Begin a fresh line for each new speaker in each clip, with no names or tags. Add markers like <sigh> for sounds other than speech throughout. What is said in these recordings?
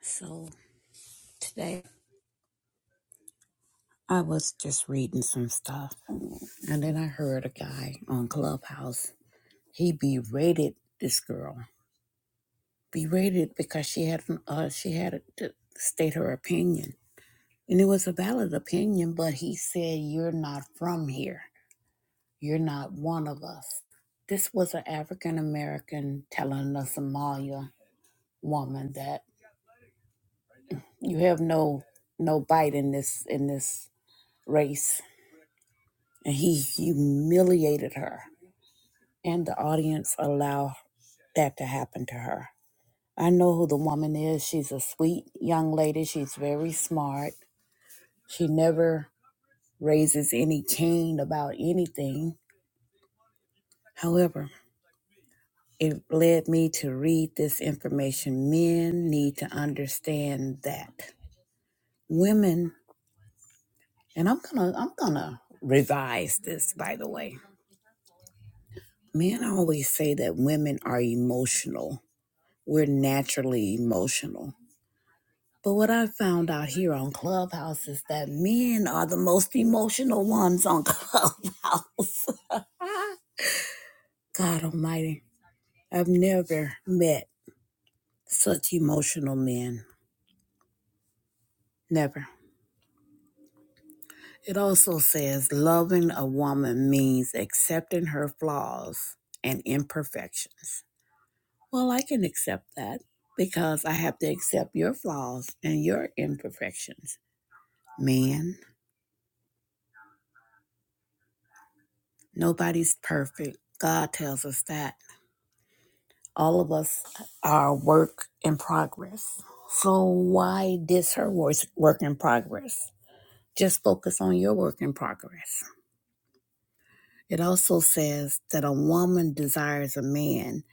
So today I was just reading some stuff and then I heard a guy on Clubhouse. He berated this girl. Berated because she had uh she had to state her opinion. And it was a valid opinion, but he said, You're not from here. You're not one of us. This was an African American telling a Somalia woman that you have no no bite in this in this race and he humiliated her. And the audience allowed that to happen to her. I know who the woman is. She's a sweet young lady. She's very smart. She never raises any cane about anything. However, it led me to read this information. Men need to understand that women, and I'm gonna, I'm gonna revise this. By the way, men always say that women are emotional we're naturally emotional. But what I found out here on Clubhouse is that men are the most emotional ones on <laughs> Clubhouse. God Almighty, I've never met such emotional men. Never. It also says loving a woman means accepting her flaws and imperfections. Well, I can accept that because I have to accept your flaws and your imperfections. Man, Nobody's perfect. God tells us that. All of us are work in progress. So why diss her wor- work in progress? Just focus on your work in progress. It also says that a woman desires a man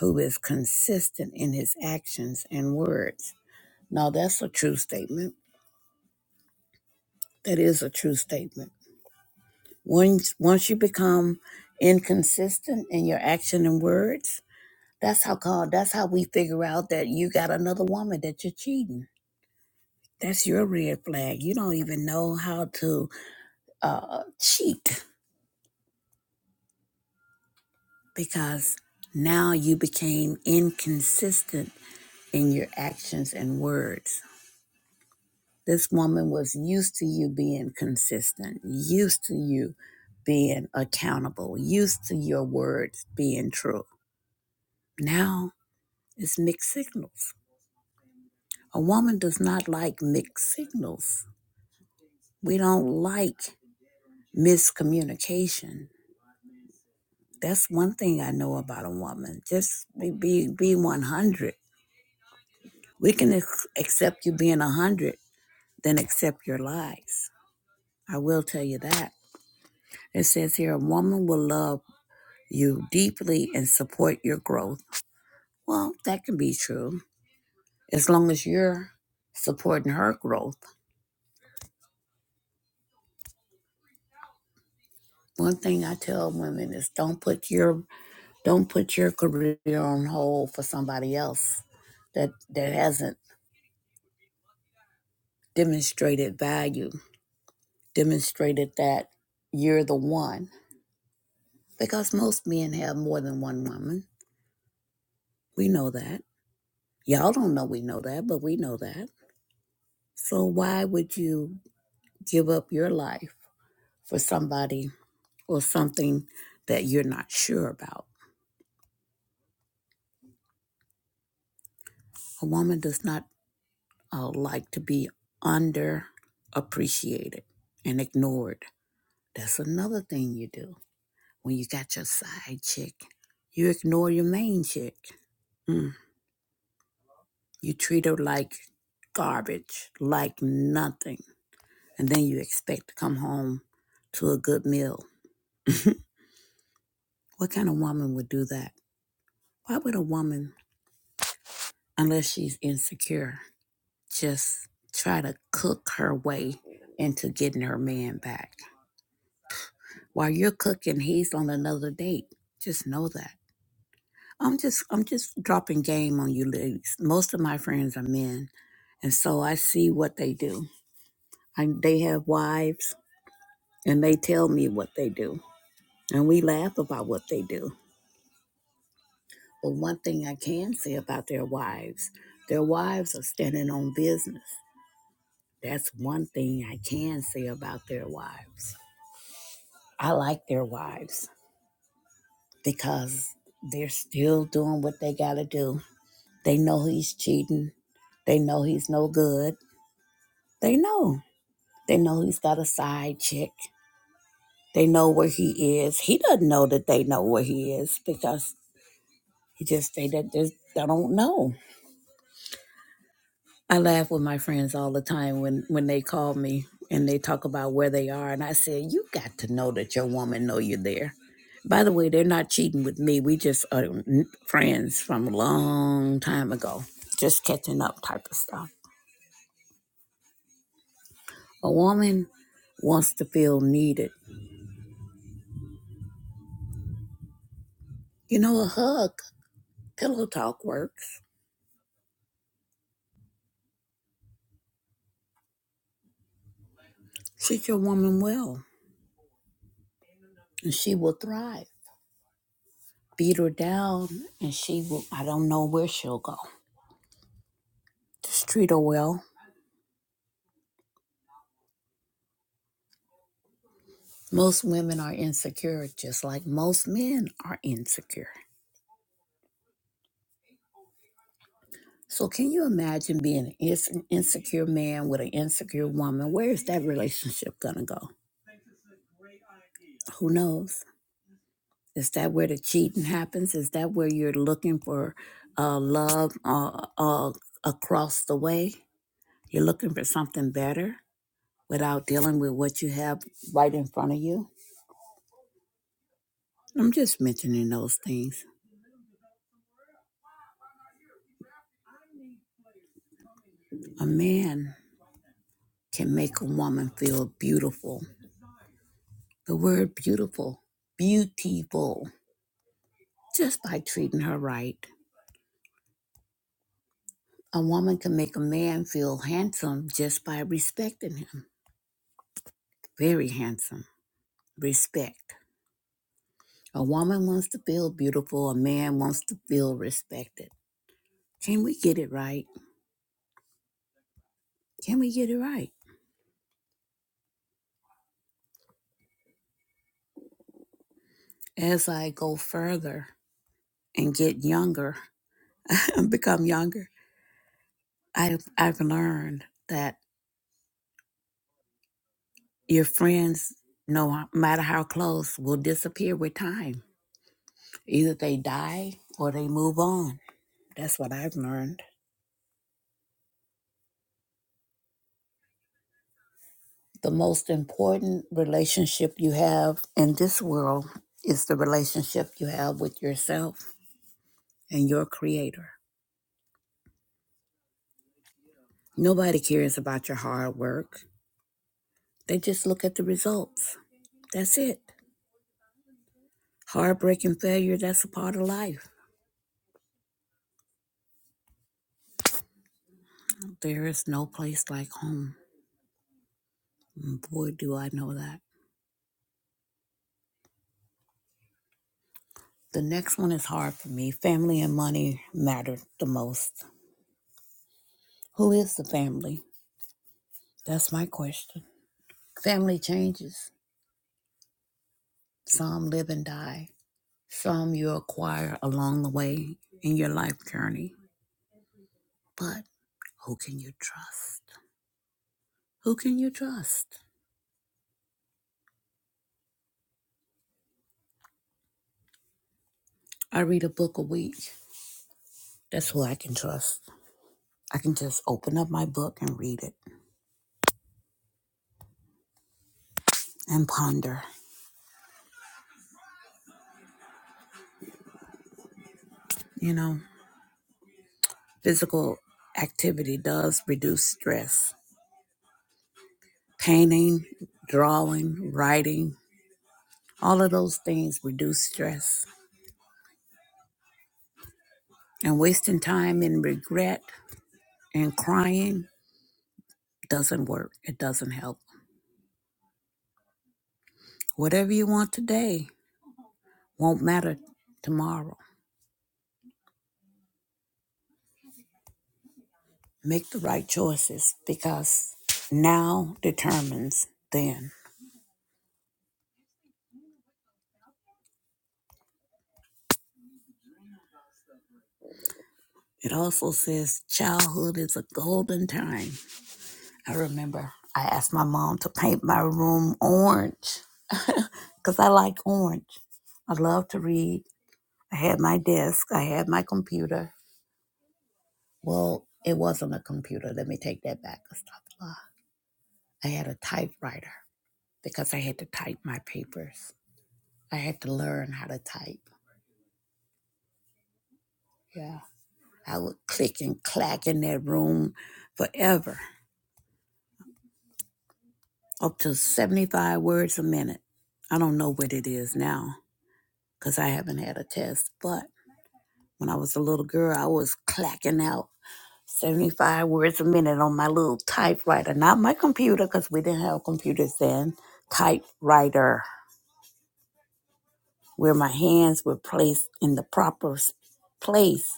who is consistent in his actions and words. Now that's a true statement. That is a true statement. Once once you become inconsistent in your action and words, That's how God, that's how we figure out that you got another woman that you're cheating. That's your red flag. You don't even know how to uh, cheat because now you became inconsistent in your actions and words. This woman was used to you being consistent, used to you being accountable, used to your words being true. Now it's mixed signals. A woman does not like mixed signals. We don't like miscommunication. That's one thing I know about a woman. Just be be, be 100. We can ex- accept you being 100 then accept your lies. I will tell you that. It says here a woman will love you deeply and support your growth. Well, that can be true as long as you're supporting her growth. One thing I tell women is don't put your don't put your career on hold for somebody else that that hasn't demonstrated value, demonstrated that you're the one. Because most men have more than one woman. We know that. Y'all don't know we know that, but we know that. So why would you give up your life for somebody or something that you're not sure about? A woman does not uh, like to be underappreciated and ignored. That's another thing you do. When you got your side chick, you ignore your main chick. Mm. You treat her like garbage, like nothing. And then you expect to come home to a good meal. What kind of woman would do that? Why would a woman, unless she's insecure, just try to cook her way into getting her man back? While you're cooking, he's on another date. Just know that. I'm just I'm just dropping game on you ladies. Most of my friends are men, and so I see what they do. I, they have wives, and they tell me what they do And we laugh about what they do. But one thing I can say about their wives, their wives are standing on business. That's one thing I can say about their wives. I like their wives because they're still doing what they got to do. They know he's cheating. They know he's no good. They know. They know he's got a side chick. They know where he is. He doesn't know that they know where he is because he just they, they just they don't know. I laugh with my friends all the time when when they call me and they talk about where they are, and I say, "You got to know that your woman know you're there." By the way, they're not cheating with me. We just are n- friends from a long time ago, just catching up type of stuff. A woman wants to feel needed. You know, a hug, pillow talk works. Treat your woman well, and she will thrive. Beat her down, and she will. I don't know where she'll go. Just treat her well Most women are insecure, just like most men are insecure. So, can you imagine being an ins- insecure man with an insecure woman? Where is that relationship going to go? Who knows? Is that where the cheating happens? Is that where you're looking for uh, love uh, uh, across the way? You're looking for something better without dealing with what you have right in front of you? I'm just mentioning those things. A man can make a woman feel beautiful the word beautiful, beautiful, just by treating her right. A woman can make a man feel handsome just by respecting him. Very handsome. Respect. A woman wants to feel beautiful, a man wants to feel respected. Can we get it right? Can we get it right? As I go further and get younger, <laughs> become younger, I've, I've learned that your friends, no matter how close, will disappear with time Either they die or they move on. That's what I've learned. The most important relationship you have in this world is the relationship you have with yourself and your creator. Nobody cares about your hard work. They just look at the results. That's it. Heartbreak and failure, that's a part of life. There is no place like home. Boy, do I know that. The next one is hard for me. Family and money matter the most. Who is the family? That's my question. Family changes. Some live and die. Some you acquire along the way in your life journey. But who can you trust? Who can you trust? I read a book a week. That's who I can trust. I can just open up my book and read it and ponder. You know, physical activity does reduce stress. Painting, drawing, writing, all of those things reduce stress. And wasting time in regret And crying doesn't work, it doesn't help. Whatever you want today won't matter tomorrow. Make the right choices because now determines then. It also says childhood is a golden time. I remember I asked my mom to paint my room orange because I like orange. I love to read. I had my desk, I had my computer. Well, it wasn't a computer. Let me take that back. I stopped. I had a typewriter because I had to type my papers. I had to learn how to type. Yeah. I would click and clack in that room forever, up to 75 words a minute. I don't know what it is now because I haven't had a test, but when I was a little girl, I was clacking out 75 words a minute on my little typewriter, not my computer because we didn't have computers then, typewriter, where my hands were placed in the proper s- place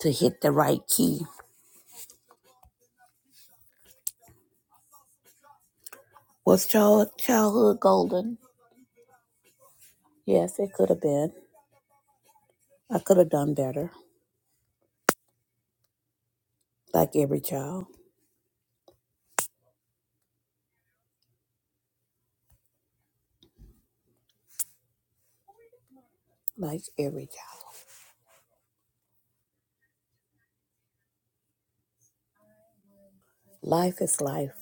to hit the right key. Was child, childhood golden? Yes, it could have been. I could have done better, like every child. Like every child. Life is life,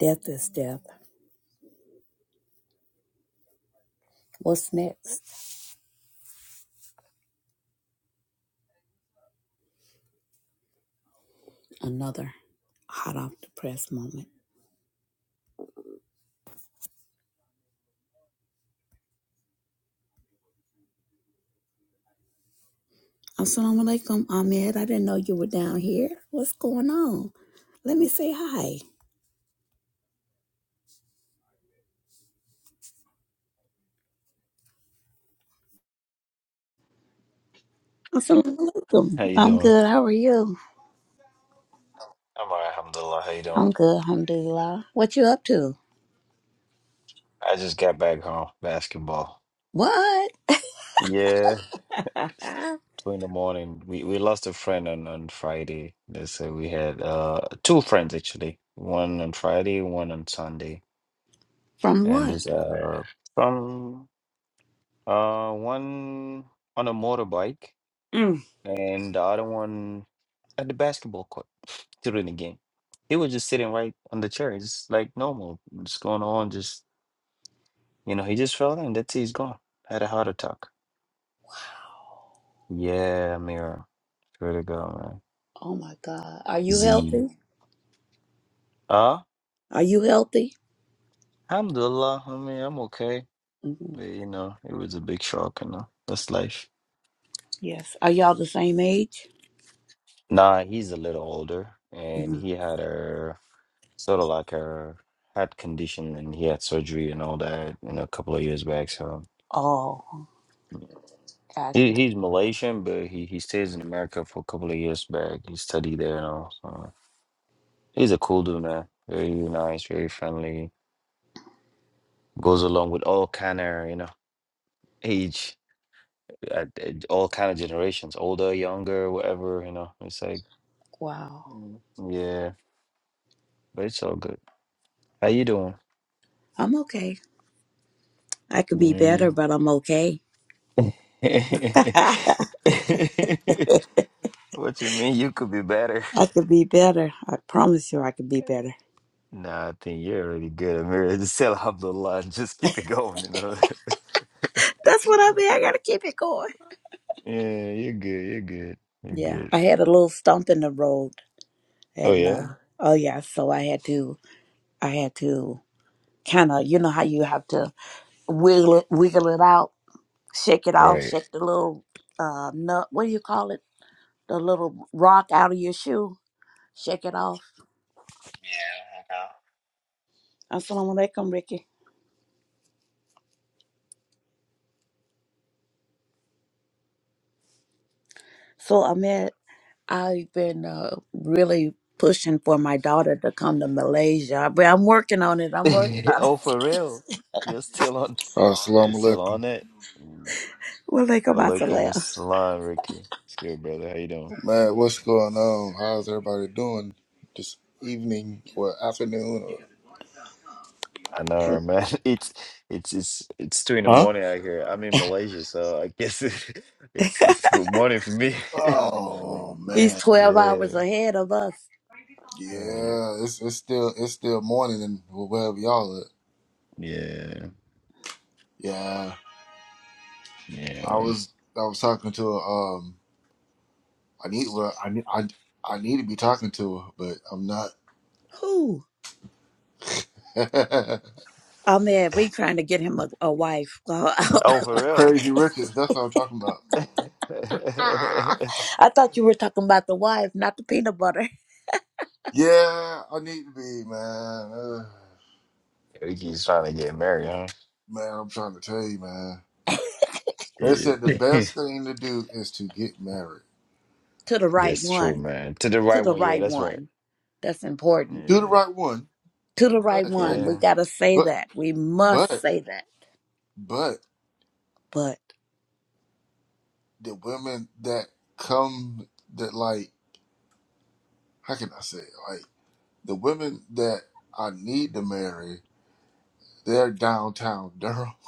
death is death. What's next? Another hot off the press moment. Assalamu alaikum, Ahmed. I didn't know you were down here. What's going on? Let me say hi. Assalamu alaikum.
How you
I'm
doing?
good. How are you?
I'm all right, alhamdulillah. How you doing?
I'm good, alhamdulillah. What you up to?
I just got back home, basketball.
What?
Yeah,
<laughs>
two in the morning. We we lost a friend on, on Friday. They said we had uh two friends actually. One on Friday, one on Sunday.
From
And
what?
this uh from uh one on a motorbike
Mm.
and the other one at the basketball court during the game. He was just sitting right on the chair, just like normal. Just going on, just you know, he just fell in, that's it, he's gone. Had a heart attack. Yeah, Amira. Swear to God, man.
Oh my God. Are you
Z.
healthy?
Ah,
Are you healthy?
alhamdulillah. I mean, I'm okay.
hmm
But, you know, it was a big shock, you know. That's life.
Yes. Are y'all the same age?
Nah, he's a little older and
hmm
he had a sort of like a heart condition and he had surgery and all that, you know, a couple of years back. So
Oh,
he
gotcha.
he's Malaysian, but he, he stays in America for a couple of years back. He studied there and all. So he's a cool dude, man. Very nice, very friendly. Goes along with all kind of, you know, age. at, at all kind of generations, older, younger, whatever, you know. It's like,
Wow.
mm, yeah, but it's all good. How you doing?
<laughs> I'm okay. I could be better,
Mm.
but I'm okay. <laughs> I
<laughs> What you mean? You could be better. <laughs>
could be better. I promise you I could be better.
Nah, I think you're already good, Amir. Just say alhamdulillah and just keep it going, you know. <laughs>
That's what I mean. I gotta keep it going.
Yeah, you're good. You're good. You're
Yeah.
good.
I had a little stump in the road
Oh
and
yeah?
uh oh yeah, so I had to I had to kind of you know how you have to wiggle it, wiggle it out, shake it off,
Right.
shake the little uh nut, what do you call it? the little rock out of your shoe. Shake it off.
Yeah,
Assalamu alaikum, Ricky. So, Ahmed, I've been uh, really pushing for my daughter to come to Malaysia, but I'm working on it. I'm
I
working
know. <laughs>
on it.
Oh,
<laughs>
for real? You're still on
Uh, Assalamu
you're still
alaikum.
on it?
Well, they come out to
Alaikum
laugh.
assalam, Ricky. It's good, brother. How you doing?
Man, what's going on? How's everybody doing this evening or afternoon?
I know, right, man. <laughs> It's it's it's it's two in the morning out here. I'm in Malaysia, so I guess it, <laughs> it's it's good morning for me.
Or...
<laughs>
Oh
He's
man.
12
Yeah.
hours ahead of us.
Right.
Yeah, it's it's still it's still morning and wherever y'all at.
Yeah.
Yeah,
Yeah.
I
man.
was I was talking to um I need well I need I I need to be talking to her, but I'm not.
Who?
<laughs>
Ahmed, we trying to get him a, a wife. <laughs>
Oh,
I
for real?
Crazy Richard, that's what I'm talking about.
<laughs>
thought you were talking about the wife, not the peanut butter.
Yeah, I need to be man. Ugh.
Ricky's trying to get married, huh?
man, I'm trying to tell you, man. They said the
Yeah.
best thing to do is to get married
To the
<laughs>
right
That's true,
one.
man. To the
To
right
the
one, yeah,
right
that's right.
one. That's important.
to the
Yeah.
right one,
to the right
but
one. We
Yeah.
got to say
but
that. We must
but
say that.
but
But
the women that come that like how can I say it? like the women that I need to marry, they're downtown Durham. <laughs>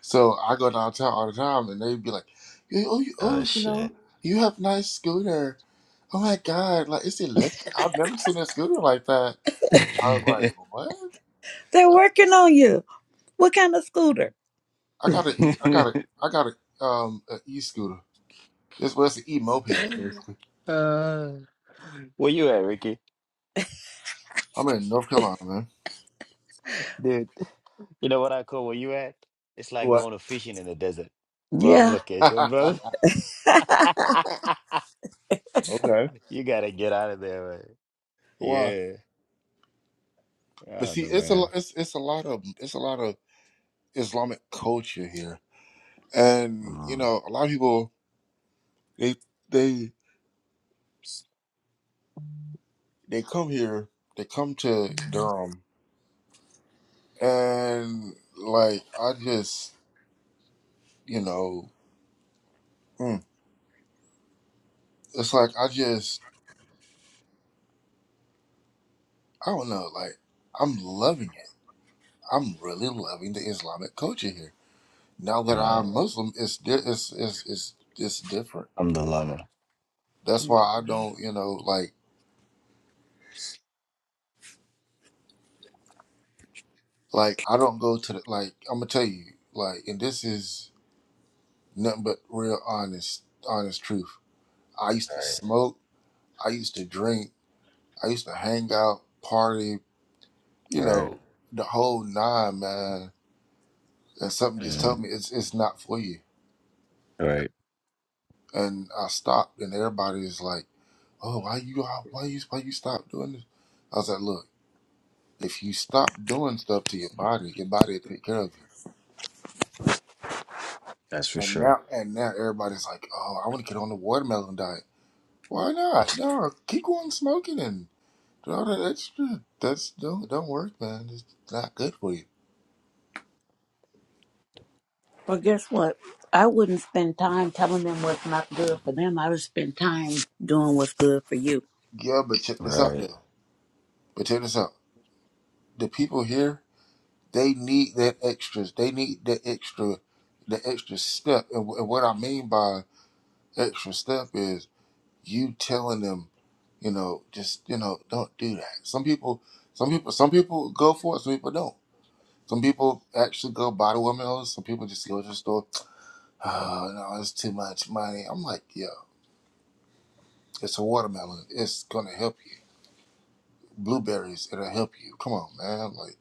So I go downtown all the time, and they be like, "Yeah, oh you,
Oh
oh you
shit.
know you have nice scooter. Oh my god, like it's electric. I've never seen a scooter like that. I was like, what?
they're working on you. What kind of scooter?
I got a, I got
<laughs>
a, I got a, um, an e scooter. It's well, it's an e moped basically.
Uh, where you at, Ricky?
I'm in North Carolina, man.
Dude, you know what I call where you at? It's like
What?
going to fishing in the desert. Wrong
Yeah.
location, brother.
<laughs>
<laughs>
Okay.
You gotta get out of there, man.
Why?
Yeah. I
But
don't
see,
know,
it's a,
man.
lo- it's, it's a lot of, it's a lot of Islamic culture here,
Mm.
and you
All
know, a lot of people they, they, they come here, they come to Durham, and like I just, you know, mm, it's like I just, I don't know, like I'm loving it. I'm really loving the Islamic culture here. Now that
right.
I'm Muslim, it's di- it's it's it's it's different.
I'm the lover.
That's
I'm
why
doing
I
that.
don't, you know, like like I don't go to the like. I'm gonna tell you, like, and this is nothing but real honest honest truth. I used to
All right.
smoke. I used to drink. I used to hang out, party. You
Right.
know, the whole nine, man. And something just
Mm.
told me it's it's not for you.
All right.
And I stopped, and everybody is like, "Oh, why you why you why you stop doing this?" I was like, "Look." If you stop doing stuff to your body, your body will take care of
That's for
you. And
sure.
now, and now everybody's like, "Oh, I want to get on the watermelon diet." Why not? No, keep going smoking and do all that extra. That's don't don't work, man. It's not good for you.
Well, guess what? I wouldn't spend time telling them what's not good for them. I would spend time doing what's good for you.
Yeah, but check
All
this out
right.
though. But check this out. The people here, they need that extras. They need that extra, the extra step. And wh- and what I mean by extra step is you telling them, you know, just you know, don't do that. Some people, some people, some people go for it. Some people don't. Some people actually go buy the watermelons. Some people just go to the store. Oh no, it's too much money. I'm like, yo, it's a watermelon. It's gonna help you. Blueberries, it'll help you. Come on, man. Like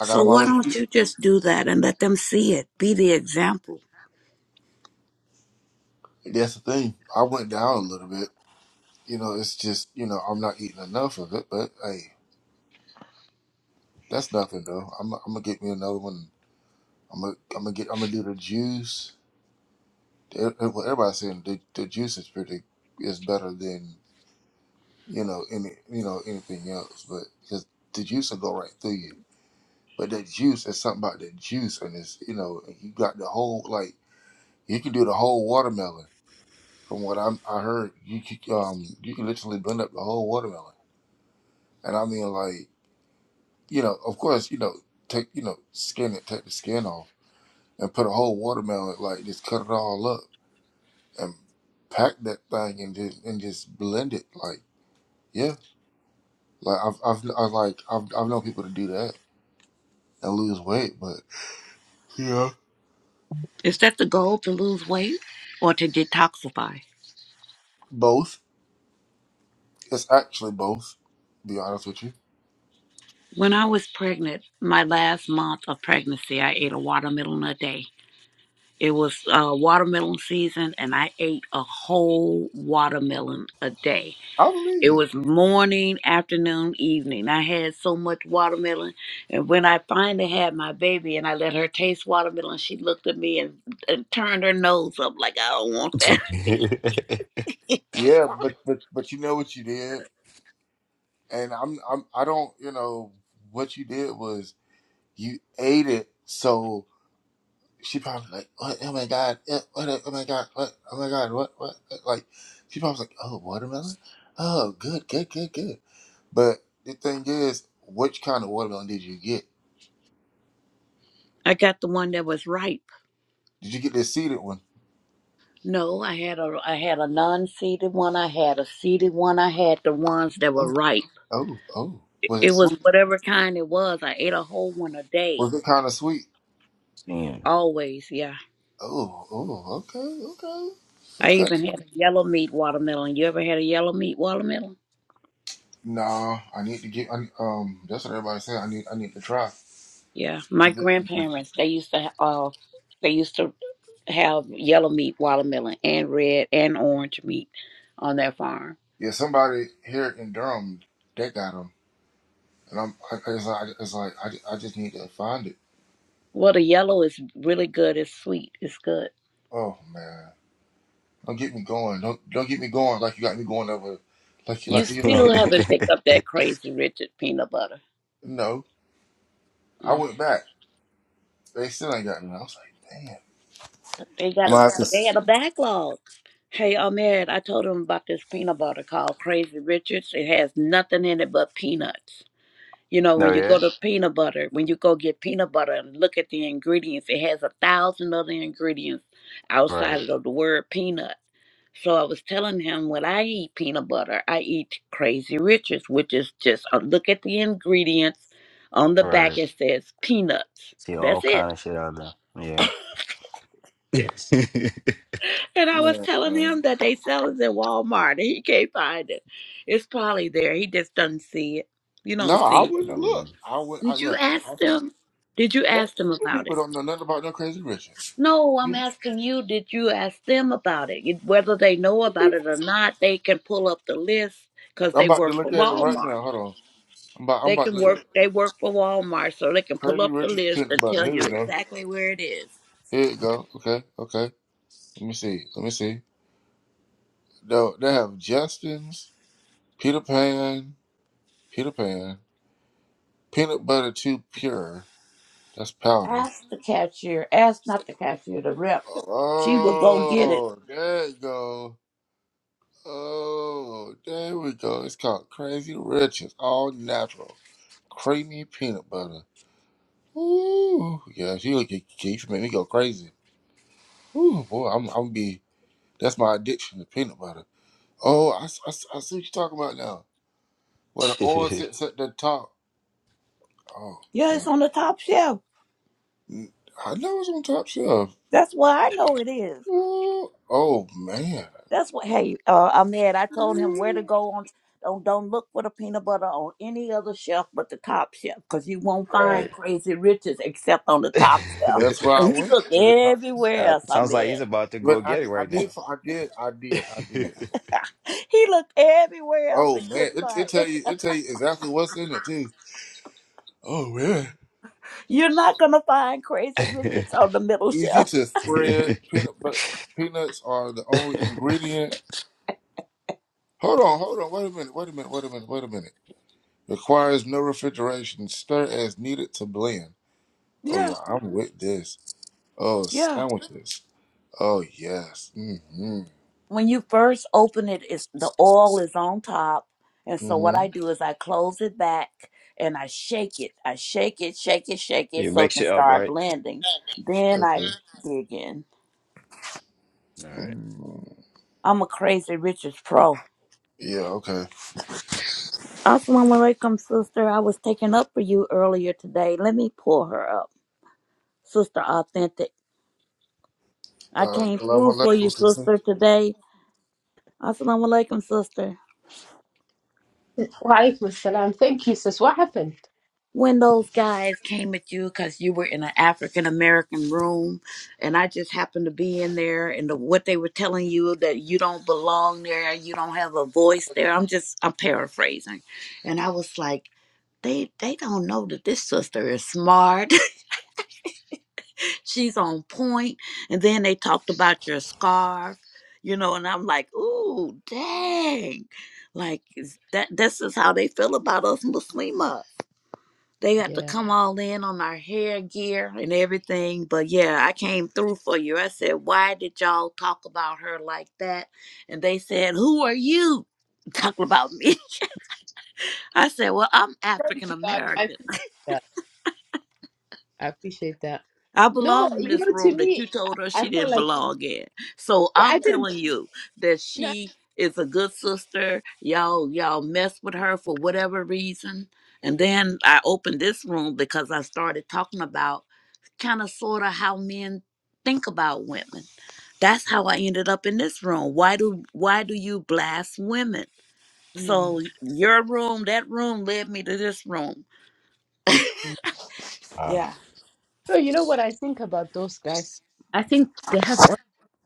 I got
So
them
why
all. Up.
don't you just do that and let them see it? Be the example.
That's the thing. I went down a little bit. You know, it's just you know I'm not eating enough of it. But hey, that's nothing though. I'm I'm gonna get me another one. I'm gonna I'm gonna get I'm gonna do the juice. e- e-, well, everybody's saying the, the juice is pretty is better than you know any you know anything else, but because the juice will go right through you. But that juice is something about that juice, and it's you know you got the whole like you can do the whole watermelon. From what I'm, I heard you c- um you can literally blend up the whole watermelon, and I mean like you know of course you know take you know skin it, take the skin off, and put a whole watermelon like just cut it all up and pack that thing and just and just blend it like. Yeah, like I've I've I like I've I've known people to do that and lose weight, but yeah,
Is that the goal to lose weight or to detoxify?
both. It's actually both. to Be honest with you.
When I was pregnant, my last month of pregnancy, I ate a watermelon a day. It was uh, watermelon season, and I ate a whole watermelon a day.
I believe
It
you.
was morning, afternoon, evening. I had so much watermelon, and when I finally had my baby, and I let her taste watermelon, she looked at me and, and turned her nose up like I don't want that.
<laughs>
Yeah, but but but you know what you did, and I'm I'm I don't you know what you did was you ate it, so she probably like what oh my god eh, what oh my god what oh my god what what Eh, like she probably was like oh watermelon oh good good good good but the thing is which kind of watermelon did you get
<laughs> I got the one that was ripe.
Did you get the seeded one?
No, I had a I had a non-seeded one. I had a seeded one. I had the ones that were
Oh,
ripe.
oh, oh.
It
Was it
it was
sweet?
whatever kind it was. I ate a whole one a day.
Was it kind of sweet?
Damn.
Always, yeah.
Oh, oh, okay, okay,
I
okay.
even had a yellow meat watermelon. You ever had a yellow meat watermelon?
No, I need to get. I, um, that's what everybody said. I need. I need to try.
Yeah, my
Is it-
grandparents they used to ha- uh they used to have yellow meat watermelon and red and orange meat on their farm.
Yeah, somebody here in Durham that got them, and I'm. I, it's like, it's like I, ju- I just need to find it.
Well, the yellow is really good. It's sweet. It's good.
Oh man, don't get me going. Don't don't get me going like you got me going over, like you
You
like you know.
still haven't picked up that crazy Richard peanut butter.
No, I
Mm.
went back. They still ain't got me. I was like, damn.
They got
I'm gonna
a
have to.
but they
s-
had a backlog. Hey, Ahmed, I told him about this peanut butter called Crazy Richards. It has nothing in it but peanuts. You
<laughs>
know,
no,
when you go
yeah?
to peanut butter, when you go get peanut butter and look at the ingredients, it has a thousand other ingredients
Right.
outside of the word peanut. So I was telling him when I eat peanut butter, I eat Crazy Riches, which is just a look at the ingredients. On the
Right.
back, it says peanuts.
See all
That's it.
kind of shit on there. Yeah. Yes.
And I was telling
Man.
him that they sell it at Walmart and he can't find it. It's probably there. He just doesn't see it. You
No,
don't
I
see it.
wouldn't look.
Mm.
I would. I
Did you
look.
ask
I,
them? Did you
that,
ask them
you
about it?
people don't know nothing about no Crazy Richard.
No, I'm asking you, did you ask them about it? You- Whether they know about it or not, they can pull up the list because
I'm
they
about
work
to
for
look at it right
Walmart.
now. Hold on. I'm about. I'm
They
about to
can
look at it.
work they work for Walmart, so they can pull
Crazy
up the
Richard
list
peanut
and
butter.
tell
Here
you
we go.
exactly where it is.
Here we go. Okay. Okay. Let me see. Let me see. No, they have Justin's Peter Pan. Peter Pan. Peanut butter too pure. That's powder.
Ask the cashier. Ask not the cashier, the rep. She will go get it.
Oh, there you go. Oh, there we go. It's called Crazy Riches, all natural, creamy peanut butter. Ooh, yeah, she look she make me go crazy. Ooh, boy, I'm I'm be that's my addiction to peanut butter. Oh, I, s- I s- I see what you're talking about now. Where the oil
<laughs>
sits at the top. Oh
Yeah, it's
man,
on the top shelf.
Mm, I know it's on top shelf.
That's why I know it is.
Ooh, oh man,
That's what. Hey, uh, I'm mad. I told him where to
Ooh,
go on. Don't don't look for the peanut butter on any other shelf but the top shelf, cause you won't find
right.
Crazy Riches except on the top shelf.
that's
<laughs>
why I
And he
went
looked
to the top.
everywhere
Uh,
else. I
sounds like
mad.
he's about to
But
go
I,
get it
di- I
right
did
now.
fi- I did I did I did I did.
He looked everywhere else
Oh
and
man,
couldn't
it, it
find
tell
it.
you it tell you exactly what's in it too. Oh man,
<laughs> You're not gonna find Crazy Riches on the middle
easy
shelf.
to spread. Peanut but peanuts are the only ingredient. Hold on, hold on. Wait a minute. Wait a minute. Wait a minute. Wait a minute. Requires no refrigeration. Stir as needed to blend. Oh
Yeah,
yeah, I'm with this. Oh
yeah.
sandwiches. Oh yes. Mm-hmm.
when you first open it, it's the oil is on top. And so what I
Mm-hmm.
do is I close it back and I shake it. I shake it, shake it, shake
<laughs>
it
you
so
make
it can
shit up,
start
right?
blending. Then I
Okay.
dig in.
All right.
mm
I'm a crazy Richards pro.
Yeah. Okay.
Assalamu alaikum, sister. I was taking up for you earlier today. Let me pull her up. Sister Authentic. I
Uh,
came
Salaam
through for
alaikum,
you,
sister.
sister, today. Assalamu alaikum, sister.
Walaikum salam. Thank you, sis. What happened?
when those guys came at you because you were in an African American room, and I just happened to be in there, and the, what they were telling you that you don't belong there, you don't have a voice there. I'm just I'm paraphrasing, and I was like, they they don't know that this sister is smart. <laughs> She's on point. And then they talked about your scarf, you know, and I'm like, ooh, dang. Like is that this is how they feel about us Muslimas. They have to
Yeah,
come all in on our hair gear and everything. But yeah, I came through for you. I said, Why did y'all talk about her like that? And they said, Who are you <laughs> talking about me? <laughs> I said, Well, I'm
Thank
African
you. I, I
American.
appreciate that. I appreciate that.
I
No,
belong in
you
this
know, to
room that
me,
you told her
I,
she
I felt
didn't
like
belong in. So
I
I'm
didn't.
telling you that
No,
she is a good sister. Y'all, y'all mess with her for whatever reason. And then I opened this room because I started talking about kind of sort of how men think about women. That's how I ended up in this room. Why do why do you blast women?
Mm.
So your room, that room led me to this room.
no,
Um,
Yeah.
you know what I think about those guys? I think they have.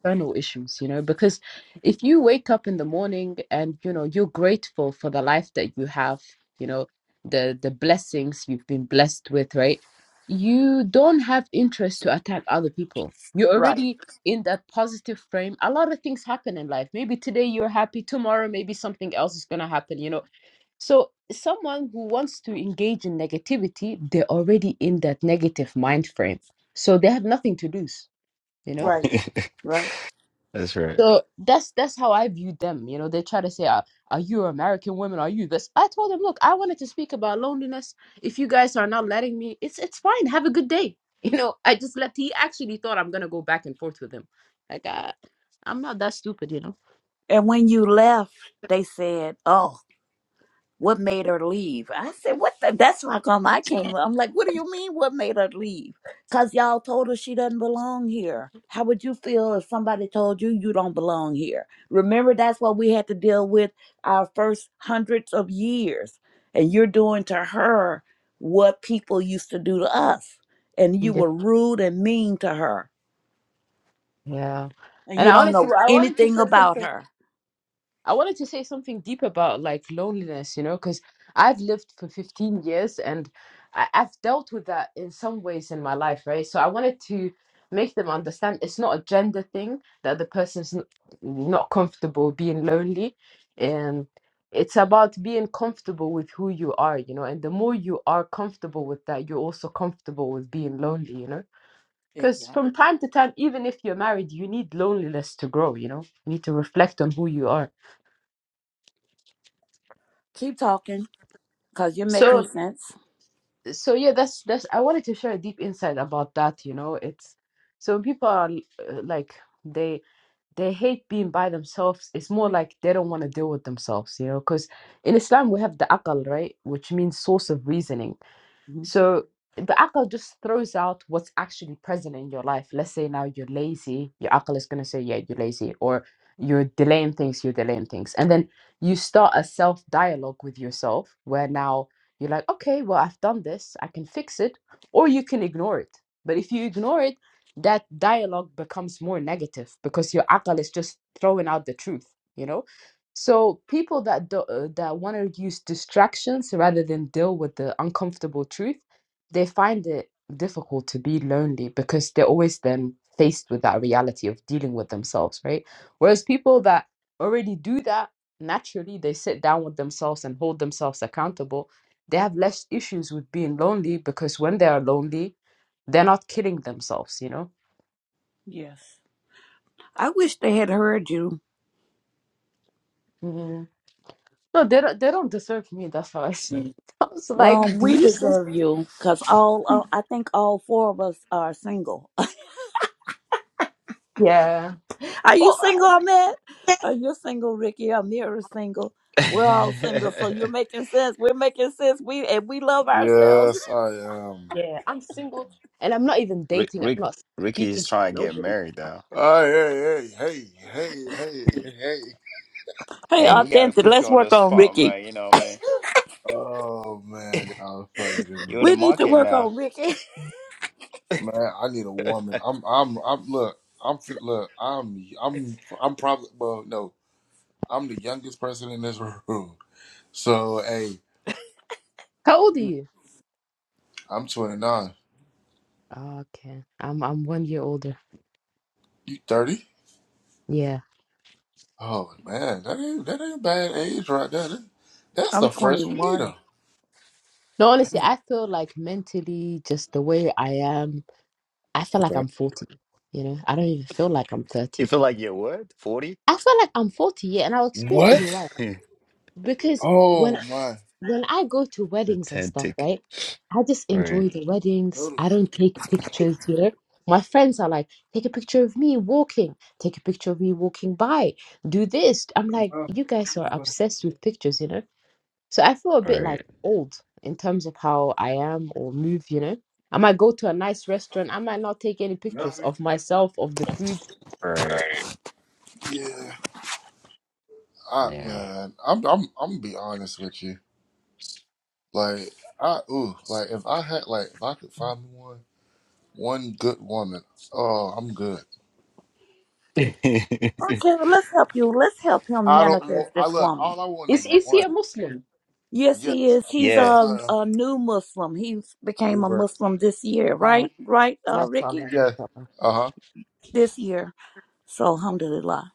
external issues, you know, because if you wake up in the morning and you know you're grateful for the life that you have, you know, the the blessings you've been blessed with, right? You don't have interest to attack other people. You're
Right.
already in that positive frame. A lot of things happen in life. Maybe today you're happy, tomorrow maybe something else is going to happen, you know. So someone who wants to engage in negativity, they're already in that negative mind frame. So they have nothing to lose, you know
Right.
<laughs>
Right.
that's right.
so that's that's how I viewed them. You know, they try to say, "Are, are you American women? Are you this?" I told them, "Look, I wanted to speak about loneliness. If you guys are not letting me, it's it's fine. Have a good day." <laughs> You know, I just left. He actually thought I'm gonna go back and forth with him. Like, I, I'm not that stupid, you know.
And when you left, they said, "Oh, what made her leave?" I said, "What? The? That's how come I came." up." I'm like, "What do you mean? What made her leave? Cause y'all told her she doesn't belong here. How would you feel if somebody told you you don't belong here? Remember, that's what we had to deal with our first hundreds of years, and you're doing to her what people used to do to us, and you
Yeah.
were rude and mean to her,
yeah.
and
And
you
I
don't
honestly,
know
I wanted to
anything
say
about
something.
her.
I wanted to say something deep about like loneliness, you know, because I've lived for 15 years and I- I've dealt with that in some ways in my life, right? So I wanted to make them understand it's not a gender thing that the person's n- not comfortable being lonely. And it's about being comfortable with who you are, you know, and the more you are comfortable with that, you're also comfortable with being lonely, you know. Because
Exactly.
from time to time, even if you're married, you need loneliness to grow, you know, you need to reflect on who you are.
Keep talking. Cause you're making
So
sense.
so yeah that's that's i wanted to share a deep insight about that you know it's so when people are uh, like they they hate being by themselves it's more like they don't want to deal with themselves you know because in islam we have the aql right which means source of reasoning
Mhm.
so the akal just throws out what's actually present in your life. Let's say now you're lazy, your akal is gonna say, yeah, you're lazy, or you're delaying things, you're delaying things. And then you start a self dialogue with yourself where now you're like, okay, well, I've done this, I can fix it, or you can ignore it. But if you ignore it, that dialogue becomes more negative because your akal is just throwing out the truth, you know? So people that do, uh, that want to use distractions rather than deal with the uncomfortable truth, they find it difficult to be lonely because they're always then faced with that reality of dealing with themselves, right? Whereas people that already do that naturally, they sit down with themselves and hold themselves accountable. They have less issues with being lonely because when they are lonely, they're not killing themselves, you know?
Yes. I wish they had heard you.
Mm. No, they don't, they don't deserve me. That's how I see it. <laughs> I was like,
Well,
do
we
you?
deserve you, cause all uh, I think all four of us are single.
Yeah.
<laughs> are you
Oh, I-
single, Ahmed? Are you single, Ricky? Amir is single. We're all single, so you're making sense. We're making sense. We and we love ourselves.
Yes, I am.
yeah. I'm single and I'm not even
<laughs> Rick,
dating. I'm
Rick,
not
Ricky
speaking
is
to
trying to get
nobody.
married though.
Oh, hey, hey, hey, hey, hey, hey.
<laughs> hey,
Hey, we gotta
authentic.
put you
Let's
on the
work on
spot,
Ricky.
man. You know, man.
Oh man,
<laughs>
y'all funny to
you're
me.
in the
We need to
market
work
now.
on Ricky.
Man, I need a
<laughs>
woman. I'm, I'm, I'm. Look, I'm. fin- Look, I'm, I'm, I'm probably. Well, no, I'm the youngest person in this <laughs> room. So, hey,
How old are you?
I'm 29.
Oh, okay. I'm I'm one year older.
You 30?
Yeah.
Oh man, that ain't that ain't a bad age right there. That-
<laughs>
that's
I'm
the first for me
21.
though.
No, honestly,
Man.
I feel like mentally, just the way I am, I feel like
Okay.
I'm 40. You know, I don't even feel like I'm 30.
you feel like you're what? Forty?
I feel like I'm 40, yeah, and I'll explain to you
What?
why.
<laughs>
Because when
Oh my.
when I go to weddings and stuff,
Authentic.
right? I just enjoy
Right,
the weddings. I don't take pictures, you know. My friends are like, take a picture of me walking, take a picture of me walking by, do this. I'm like, you guys are obsessed with pictures, you know. So I feel a bit like
right,
old in terms of how I am or move, you know. I might go to a nice restaurant. I might not take any pictures of myself, of the food.
right.
Yeah. I
Now.
man, I'm I'm I'm gonna be honest with you. Like I ooh, like if I had like if I could find me one one good woman, oh I'm good.
<laughs>
Okay, well, let's help you. Let's help him
I don't
manifest
want
this
I look
woman.
all I want
Is
is
is he a
one.
Muslim?
Yes,
Yes,
he is.
I-
He's
yeah.
yes,
a,
I
a new Muslim. He became a
Revert.
Muslim this year,
Uh,
right? Right, uh,
mashallah,
Ricky?
Yeah.
mashallah.
Uh huh.
This year. So, alhamdulillah.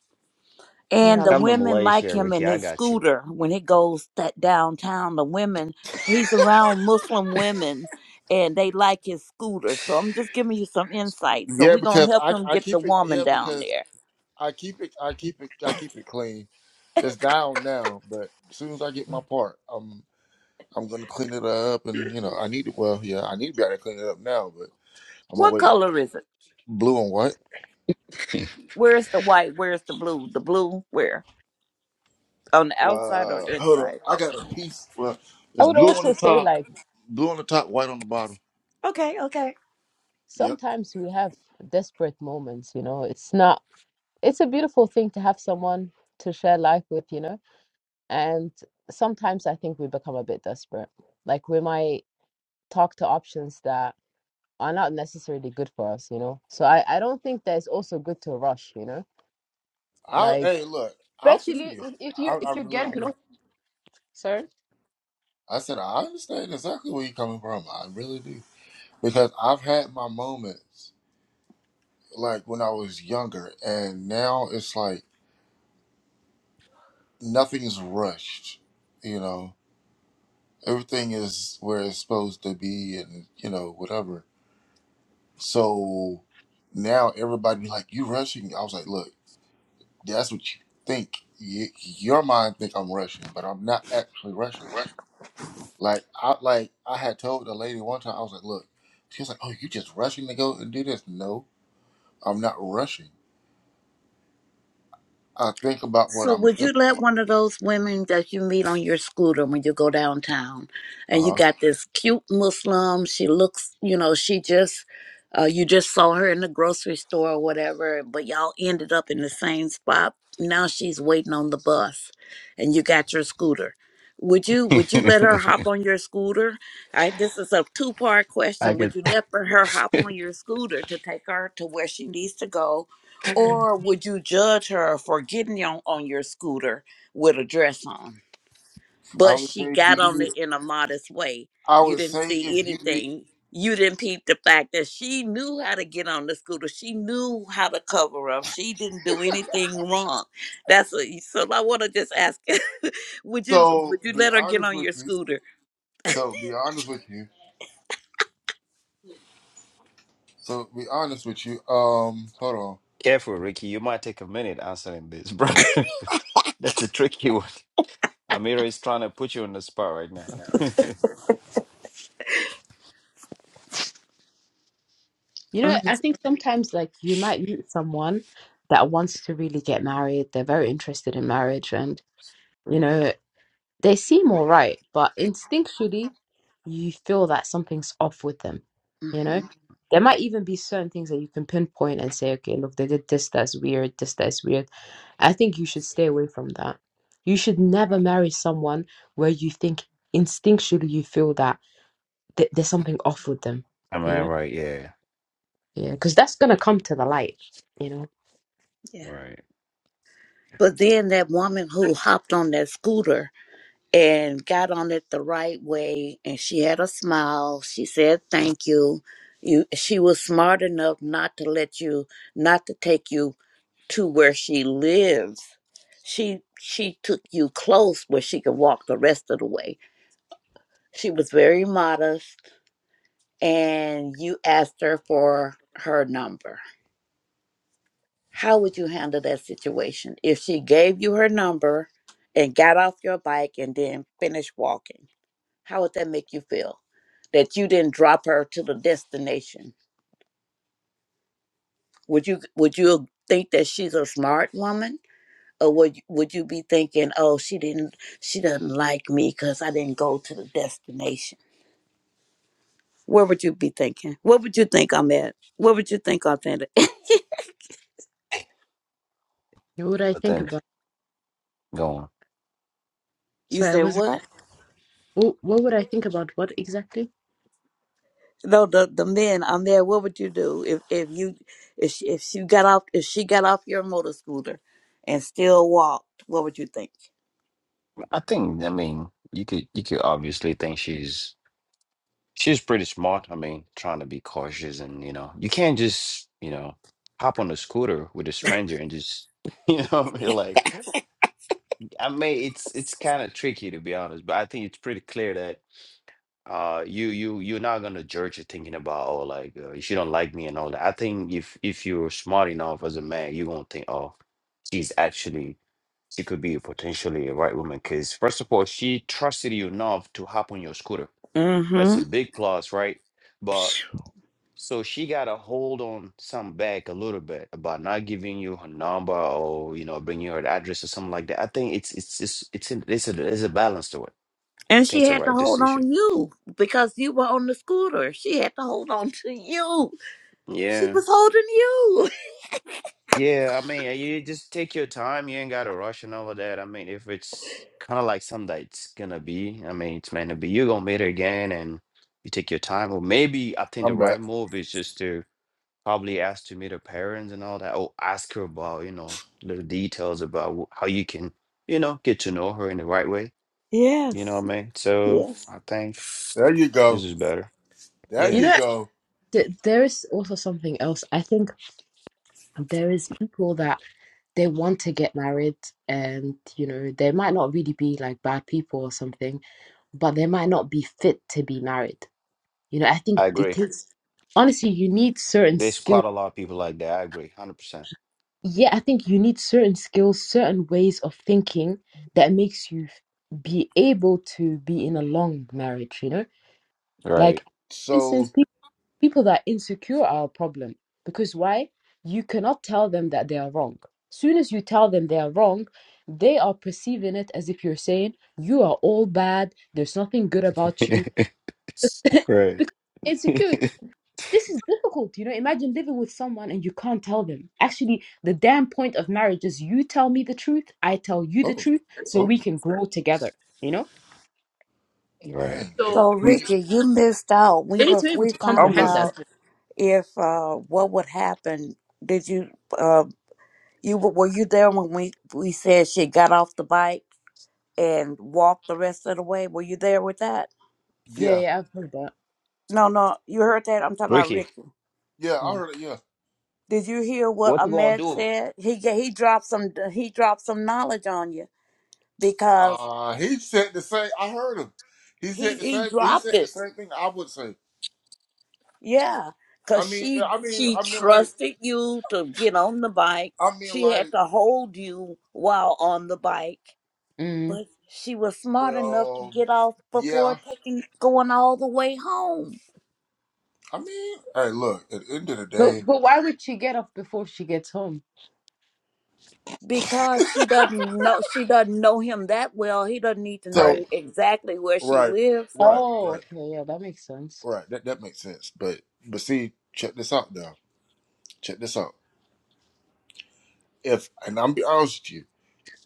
Yeah,
And the
Come to
women like
Malaysia,
him
Ricky.
in
I
his
got you.
scooter when he goes that downtown. The women, he's around Muslim women and they like his scooter. So, I'm just giving you some insight. So,
Yeah,
we're going to
because
help
I
him
I
get the
keep it.
woman
Yeah,
down
because
there.
I keep it. I keep it. I keep it clean. It's down now, but as soon as I get my
alhamdulillah.
part, I'm I'm gonna clean it up, and you know I need to. Well, yeah, I need to be able to clean it up now, but I'm gonna
What
wait.
color is it?
Blue and what?
<laughs>
Where's the white? Where's the blue? The blue, where? On the outside or
Uh,
the
hold on.
inside?
I got a piece. Well,
I
it's
would
blue on
also
the
say
top,
like.
blue on the top, white on the bottom.
Okay, okay.
Yep.
sometimes we have desperate moments, you know. It's not, it's a beautiful thing to have someone to share life with, you know. And sometimes I think we become a bit desperate. Like we might talk to options that are not necessarily good for us, you know. So I, I don't think that it's also good to rush, you know.
I
Like
hey, look. I feel
especially
you.
if if you
I,
if
I
you're
really
getting close,
do.
sorry.
I said I understand exactly where you're coming from. I really do because I've had my moments like when I was younger, and now it's like nothing's rushed. You know, everything is where it's supposed to be, and you know whatever. So now everybody be like, "You rushing?" I was like, "Look." That's what you think. Y your mind think I'm rushing, but I'm not actually rushing. Like I like I had told the lady one time, I was like, look, she was like, oh, you just rushing to go and do this? No, I'm not rushing. I think about what
So
I'm.
would you
saying.
let one of those women that you meet on your scooter when you go downtown
Uh
and you
huh.
got this cute Muslim, she looks, you know, she just uh you just saw her in the grocery store or whatever, but y'all ended up in the same spot. Now she's waiting on the bus and you got your scooter. Would you would you let her hop on your scooter? I this is a two-part
I
question. Would
could.
you let her hop on your scooter to take her to where she needs to go?
<laughs>
Or would you judge her for getting on, on your scooter with a dress on?
I
But
would
she
say, do
got on
you?
it in a modest way.
I
You
would
didn't
say if
see
you need.
anything. You didn't peep the fact that she knew how to get on the scooter. She knew how to cover up. She didn't do anything wrong. That's what. you- So I want to just ask: <laughs> Would you
So
would you
be
let her get
honest
on
with
your
you.
scooter?
So be honest with you. So be honest with you. Um, hold on.
Careful, Ricky. You might take a minute answering this, bro. <laughs> That's a tricky one. Amira is trying to put you on the spot right now. <laughs> Am
You know, I
Mhm.
think sometimes like you might meet someone that wants to really get married. They're very interested in marriage and you know They seem all right, but instinctually, you feel that something's off with them. You know,
Mhm.
there might even be certain things that you can pinpoint and say, okay, look, they did this that's weird, this that's weird. I think you should stay away from that. You should never marry someone where you think instinctually you feel that th- there's something off with them.
I
You
mean,
know,
right? Yeah.
yeah, because that's gonna come to the light. You know,
Yeah.
Right.
But then that woman who hopped on that scooter and got on it the right way and she had a smile she said thank you you she was smart enough not to let you not to take you to where she lives she she took you close where she could walk the rest of the way she was very modest and you asked her for her number how would you handle that situation if she gave you her number and got off your bike and then finished walking How would that make you feel? That you didn't drop her to the destination. Would you would you think that she's a smart woman? Or would you, would you be thinking, oh, she didn't, she doesn't like me because I didn't go to the destination? Where would you be thinking? What would you think I'm at? What would you think I'm at?
What would I
But
think
then,
about?
go on.
<laughs> you
Sorry, I
said
was.
what?
What, would I think about what exactly?
No, the the men I'm there. What would you do if if you if she, if she got off if she got off your motor scooter and still walked? What would you think?
I think. I mean, you could. You could obviously think she's She was pretty smart. I mean, trying to be cautious and, you know, you can't just, you know, hop on a scooter with a stranger and just, <laughs> you know, what I mean? like, I mean, it's it's kind of tricky to be honest, but I think it's pretty clear that uh you you you're not gonna judge it thinking about oh like uh, she don't like me and all that. I think if if you're smart enough as a man, you're gonna think oh she's actually she could be potentially a right woman because first of all she trusted you enough to hop on your scooter. That's a
Mm-hmm.
big plus, right? But so she got a hold on some back a little bit about not giving you her number or you know bringing her address or something like that. I think it's it's it's it's in, it's a there's a balance to it. I
And
think
she
it's the
had to
right
hold
decision.
on you because you were on the scooter. She had to hold on to you. She
Yeah,
was holding you. <laughs>
yeah. I mean, uh, you just take your time. You ain't got to rush and all of that. I mean, if it's kind of like something that it's gonna be, I mean, it's meant to be. You're gonna meet her again, and you take your time. Or maybe I think the
I'm back.
right move is just to Probably ask to meet her parents and all that, or ask her about, you know, little details about wh- how you can, you know, get to know her in the right way. You know what
Yes.
I mean? So
Yes.
I think
There you
this
go.
is better.
There
you
Yeah,
you
know,
go.
th- there is also something else. I think. there is people that they want to get married and you know they might not really be like bad people or something but they might not be fit to be married you know i think
I
it
agree.
takes honestly you need certain
There's
skills
quite a lot of people like that. I agree, one hundred percent.
yeah i think you need certain skills certain ways of thinking that makes you be able to be in a long marriage you know like
Right.
for
So,
instance people that are insecure are a problem because why you cannot tell them that they are wrong soon as you tell them they are wrong they are perceiving it as if you're saying you are all bad there's nothing good about you
<laughs>
<laughs>
Right, <laughs>
insecurity this is difficult you know imagine living with someone and you can't tell them actually the damn point of marriage is you tell me the truth i tell you the
oh,
truth so we
oh,
can grow together you know
Right.
dang
so
So
you.
Richard, you missed out.
they
We
need
were
to be able
we
to
I'm
found
comprehend that
listening.
out if uh what would happen. Did you uh you were were you there when we we said she got off the bike and walked the rest of the way? Were you there with that?
yeah
Yeah,
yeah i've heard that
No, no, you heard that. I'm talking about
Ricky,
Ricky.
yeah, I
oh.
heard it. Yeah,
Did you hear what
what you gonna
Ahmed
do?
said? He ga- he dropped some he dropped some knowledge on you. because
uh, he said the same. I heard him. He said
he
the
he
same. He
dropped
said the
it.
same thing. I would say.
Yeah,
I
cause
mean, yeah,
she
I mean,
she
I mean, like,
trusted you to get on the bike.
I mean,
She had
like,
to hold you while on the bike,
Mm.
but she was smart enough to
well,
get off before
yeah.
taking going all the way home
I mean, hey, look. At the end of the
But
day,
but why would she get off before she gets home?
because she doesn't know she doesn't know him that well. He doesn't need to
so
know
Right.
exactly where she
right,
lives.
right,
Oh,
right,
okay, yeah, that makes sense.
right. That that makes sense. But but see, check this out now. Check this out. If and I'm be honest with you,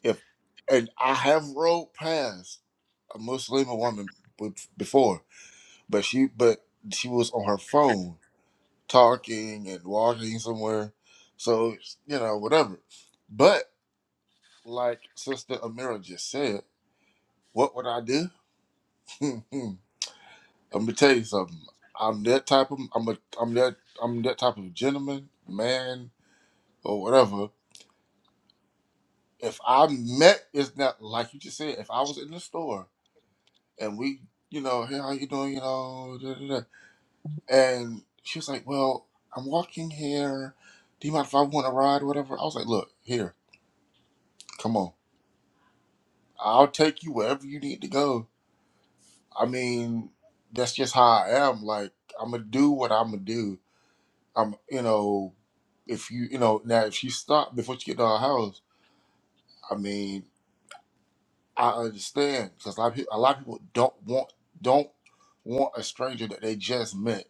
if and I have rode past a Muslim woman be- before but she but she was on her phone talking and walking somewhere so you know whatever but like sister amira just said what would i do <laughs> let me tell you something i'm that type of i'm a i'm that i'm that type of gentleman man or whatever if i met it's not like you just said if i was in the store and we you know hey how you doing you know da, da, da. And she was like, Well, I'm walking here. Do you mind if I want to ride or whatever? I was like, Look, here, come on. I'll take you wherever you need to go. I mean, that's just how I am. Like, I'm going to do what I'm going to do. I'm, you know, if you, you know, now if you stop before you get to our house, I mean, I understand because a lot of people, a lot of people don't want, don't want a stranger that they just met,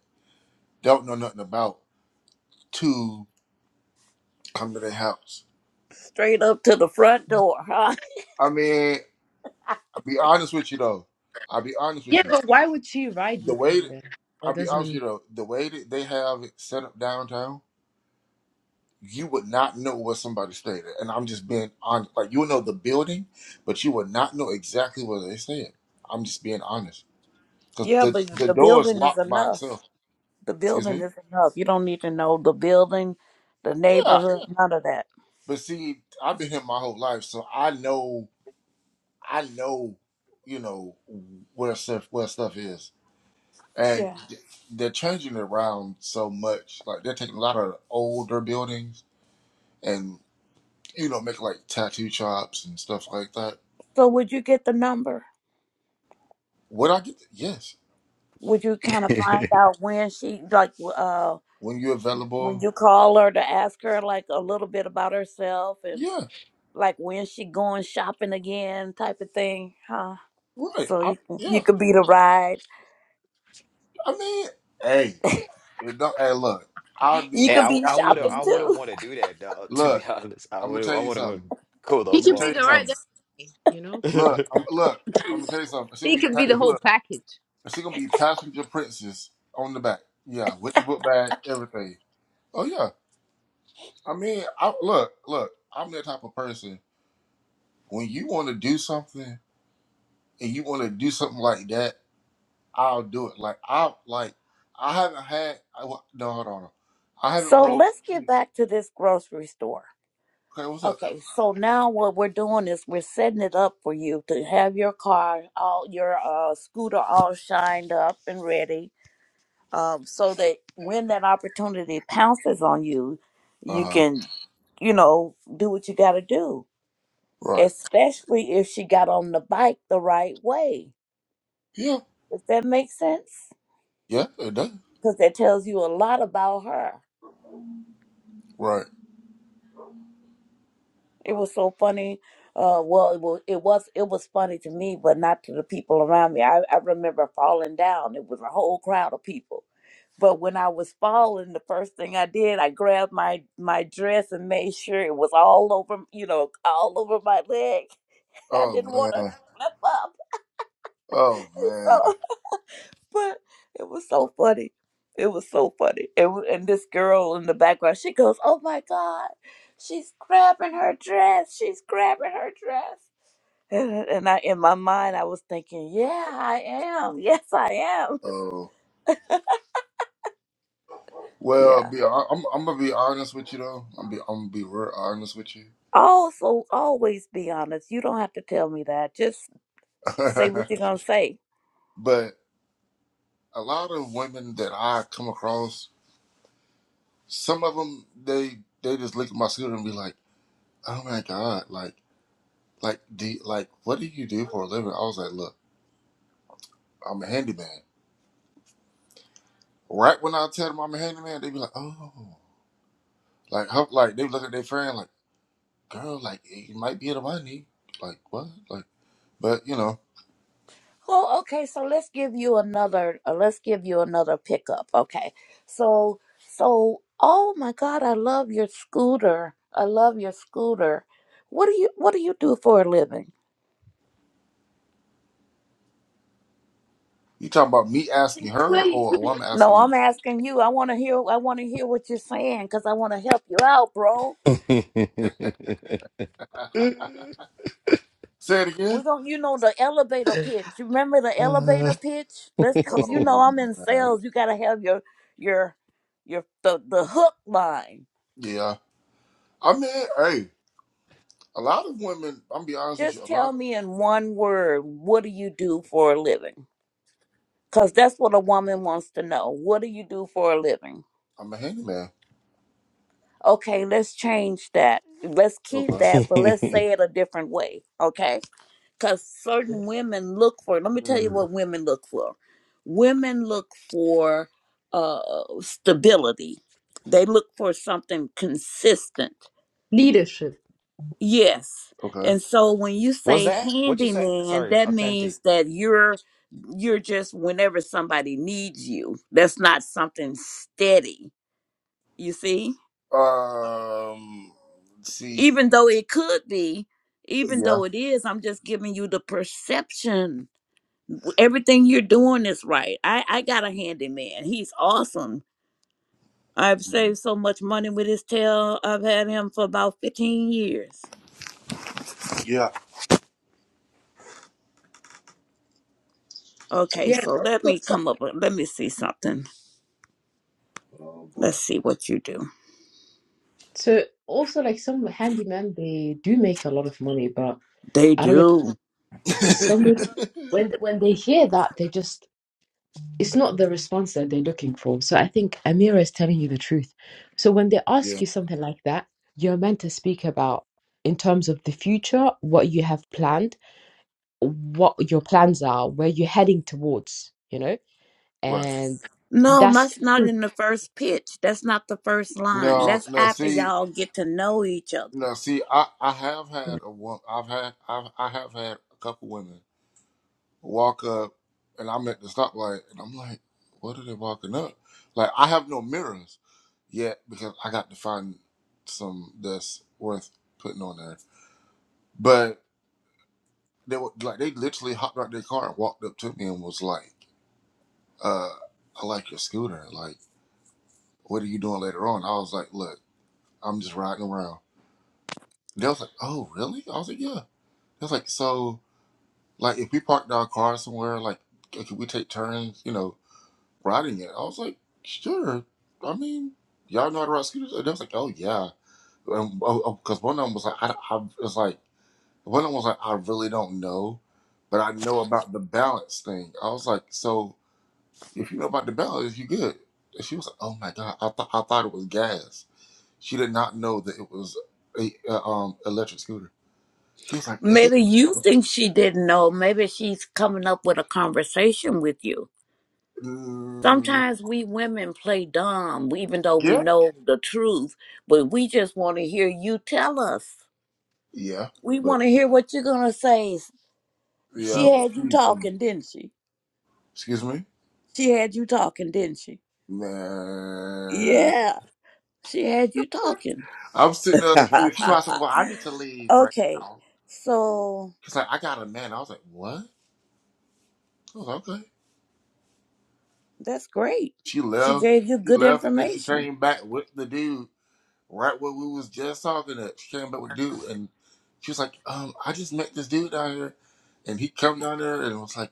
don't know nothing about to come to their house.
Straight up to the front door, huh? <laughs>
I mean. I'll be honest with you though. I'll be honest
Yeah,
with you.
but why would she ride
The
with
way
him
that,
then? That
I'll be honest
doesn't.
with you though, the way that they have it set up downtown, you would not know where somebody stayed at. And I'm just being honest. Like you would know the building, but you would not know exactly where they stayed. I'm just being honest because
Yeah,
the
but
the
the
door is
building is
locked by
enough.
itself.
The
Excuse
building
me.
is enough. You don't need to know the building, the
Yeah,
neighborhood,
yeah.
none of that.
but see, I've been here my whole life, so I know. I know. You know where stuff where stuff is. and
Yeah.
they're changing it around so much. Like they're taking a lot of older buildings and you know making like tattoo shops and stuff like that.
So would you get the number?
Would I get? Yes,
Would you
<laughs>
kind of find out when she like uh
when you're
when
available.
you call her to ask her like a little bit about herself and
Yeah,
like when she going shopping again type of thing, huh?
right.
So
I,
you can, you
yeah,
could be the ride.
I mean, hey, it don't, hey, look, I'll do
You
Hey,
what
could
I
I
be
I
got to
wouldn't
do.
shopping
I wouldn't
too. <laughs>
want to do that though, <laughs> to be
Look,
honest. I
I'm gonna
wouldn't
tell
I
you
wouldn't want
something.
to go
He
I'm gonna
could be
tell
the
you
right,
something.
guy, you know.
Look,
that
I'm
far.
look. I'm
<laughs>
gonna tell you something. She
He
gonna be
could be
pa-
<laughs>
the whole
look.
package.
She gonna be passenger princess on the back. Yeah, with the book bag, everything. Oh yeah. I mean, I, look, look. I'm that type of person. When you want to do something and you want to do something like that, I'll do it. Like I like, I haven't had. I, wa- no, hold on. I haven't
So
rolled.
let's get
Okay,
back to this grocery store.
what's up?
Okay, so now what we're doing is we're setting it up for you to have your car, all your uh, scooter all shined up and ready, um, so that when that opportunity pounces on you,
Uh
you
huh.
can, you know, do what you got to do.
Right.
Especially if she got on the bike the right way.
Yeah.
Does that make sense?
Yeah. It does.
Because that tells you a lot about her.
Right.
It was so funny. Uh, well, it was, it was it was funny to me, but not to the people around me. I, I remember falling down. It was a whole crowd of people. But when I was falling, the first thing I did, I grabbed my my dress and made sure it was all over, you know, all over my leg. <laughs> I
Oh
didn't want to
man.
flip up.
Oh man.
So, <laughs> but it was so funny. It was so funny. It, wa- and this girl in the background, she goes, "Oh my god, she's grabbing her dress. She's grabbing her dress." <laughs> And, and I, in my mind, I was thinking, yeah, I am. <laughs> Yes, I am.
Oh.
<laughs>
Well,
Yeah.
be I- I'm I'm gonna be honest with you though. I'm be I'm gonna be real honest with you.
Also, always be honest. You don't have to tell me that. Just
<laughs>
say what you're gonna say.
but a lot of women that I come across some of them they they just look at my scooter and be like, "Oh my god, like like do like what do you do for a living?" I was like, "Look, I'm a handyman." Right when I tell them I'm a handyman, they be like, "Oh, like how, like they look at their friend like, girl, like eh, you might be in the money, like what, like." But you know,
Well, okay. So let's give you another. Uh, let's give you another pickup. Okay. So, so, oh my God, I love your scooter. I love your scooter. What do you What do you do for a living?
you talking about me asking her
Right.
or a woman
No,
asking me?
I'm asking you. I want to hear. I want to hear what you're saying because I want to help you out, bro.
<laughs> Uh,
<laughs> Say it
We're
again.
gonna, you know, the elevator pitch. You remember the
<laughs>
elevator pitch? Let's, cause you know
Oh
I'm in
man,
sales. You gotta have your, your, your the the hook line.
yeah. I mean, hey, a lot of women. I'm gonna be honest with you.
Just
A
tell
lot.
me in one word, what do you do for a living? Cause that's what a woman wants to know. What do you do for a living?
I'm a handyman.
Okay, let's change that. Let's keep
Okay.
that, but let's say it a different way. Okay. because certain women look for let me tell you what women look for women look for uh stability they look for something consistent
Leadership.
yes
Okay.
and so when you
What's
say
that? What you say?
handyman
Sorry,
that
authentic.
means that you're you're just whenever somebody needs you that's not something steady you see
Um, see,
even though it could be even
yeah,
though it is i'm just giving you the perception w- everything you're doing is right. I, I got a handyman. He's awesome. I've saved so much money with his tail. I've had him for about 15 years.
yeah,
Okay,
Yeah,
so
and
let
also
me
so,
come up with, let me see something.
<laughs> Oh boy.
Let's see what you do.
so also like some handyman, they do make a lot of money, but
They
I don't know.
do.
Some when when they hear that, they just it's not the response that they're looking for. So I think Amira is telling you the truth. So when they ask
yeah,
you something like that, you're meant to speak about in terms of the future, what you have planned, what your plans are, where you're heading towards, you know?
right.
And
No,
that's
that's not in the first pitch. That's not the first line.
No,
That's
no,
after
see,
y'all get to know each other.
no, see, I, I have had a one, I've had, I've, I have had a couple women walk up, and I'm at the stoplight, and I'm like, what are they walking up? Like, I have no mirrors yet because I got to find some that's worth putting on there. But they were like, they literally hopped out their car and walked up to me and was like. uh, I like your scooter. Like, what are you doing later on? I was like, look, I'm just riding around. They was like, oh, really? I was like, yeah. They was like, so, like, if we parked our car somewhere, like, c- could we take turns, you know, riding it? I was like, sure. I mean, y'all know how to ride scooters? They was like, oh, yeah. Because one of them was like, I, I was like, one of them was like, I really don't know, but I know about the balance thing. I was like, so If you know about the ballot, you good. And she was like, oh my God, I, thought I thought it was gas. She did not know that it was a, uh um electric scooter. She was like, she
Maybe
I
you
was
think she didn't know. Maybe she's coming up with a conversation with you
like, "Mm,
Sometimes we women play dumb, we- even though we
yeah,
know the truth, but we just want to hear you tell us.
yeah,
We
but
want to hear what you're going to say. She
yeah, but
had
she,
you
mm,
talking, didn't she?
excuse me,
She had you talking, didn't she?
man.
Yeah, she had you talking.
I'm sitting there,
<laughs>
she's like, well, I need to leave right
okay,
now.
so
She's like, I got a man. I was like, what? I was like, okay.
that's great.
She
She
left.
gave you
She
good
left, and then she
information.
came back with the dude. right where we was just talking at. She came back with the dude and she was like, um, I just met this dude down here and he come down there and was like,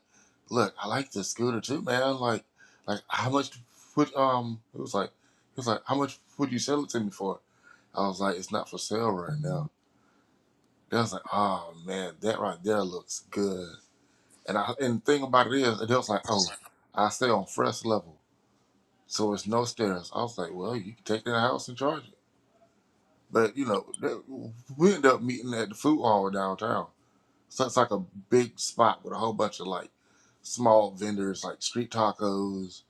Look, I like this scooter too, man. Like like how much would um it was like he was like, How much would you sell it to me for? I was like, It's not for sale right now. They was like, Oh man, that right there looks good. And I and the thing about it is they was like, Oh, I stay on first level. So it's no stairs. I was like, Well, you can take that house and charge it. But you know, that, we ended up meeting at the food hall downtown. So it's like a big spot with a whole bunch of like small vendors, like street tacos,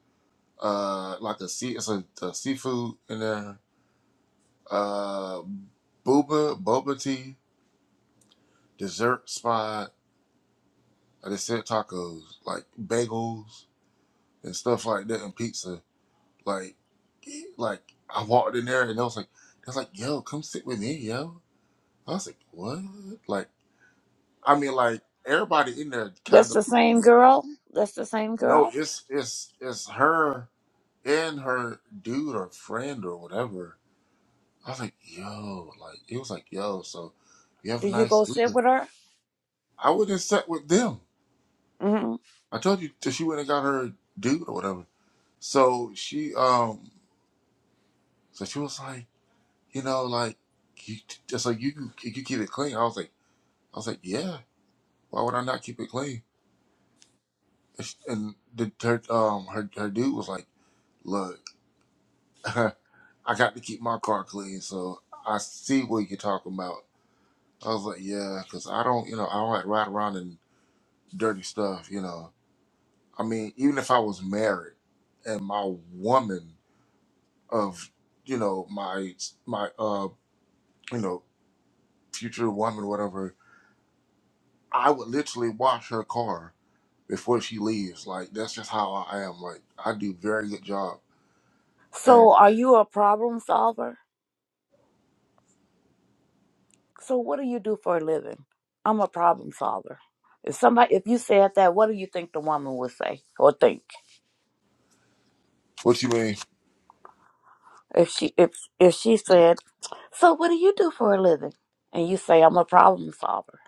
uh, like a sea, it's a, a seafood in there, uh, booba, boba tea, dessert spot. Like I said, tacos, like bagels and stuff like that, and pizza. Like, like I walked in there and I was like, I was like, yo, come sit with me, yo. I was like, what? Like. I mean, like everybody in there kind
That's the same
of
girl. That's the same
no,
girl.
it's it's it's her and her dude or friend or whatever. I was like, yo, like it was like, yo, so you have a
Did you
nice
go sit
weekend.
with her?
I would have sat with them.
hmm
I told you that she went and got her dude or whatever. So she um so she was like, you know, like you just like you can you can keep it clean. I was like I was like, Yeah, why would I not keep it clean? And she- and the her um her her dude was like, Look <laughs> I got to keep my car clean, so I see what you're talking about. I was like, yeah, because I don't, you know, I don't like ride around in dirty stuff, you know. I mean, even if I was married and my woman of, you know, my my uh, you know, future woman, whatever, I would literally wash her car before she leaves. Like that's just how I am. Like I do very good job. And
So, are you a problem solver? So what do you do for a living? I'm a problem solver. If somebody if you said that, what do you think the woman would say or think?
what you mean?
If she if if she said, So what do you do for a living? And you say, I'm a problem solver.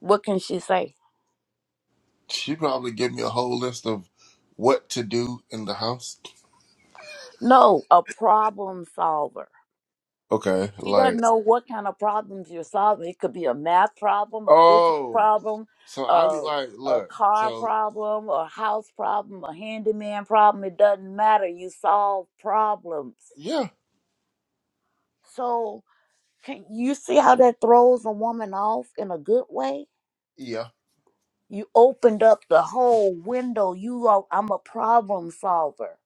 What can she say?
She probably give me a whole list of what to do in the house.
No, a problem solver.
Okay,
She doesn't
like.
know what kind of problems you're solving. It could be a math problem, a physics
Oh,
problem,
so I'll be
a,
like,
a
look,
car
so
problem, a house problem, a handyman problem. It doesn't matter. You solve problems.
yeah,
So can you see how that throws a woman off in a good way?
yeah,
You opened up the whole window. You are I'm a problem solver.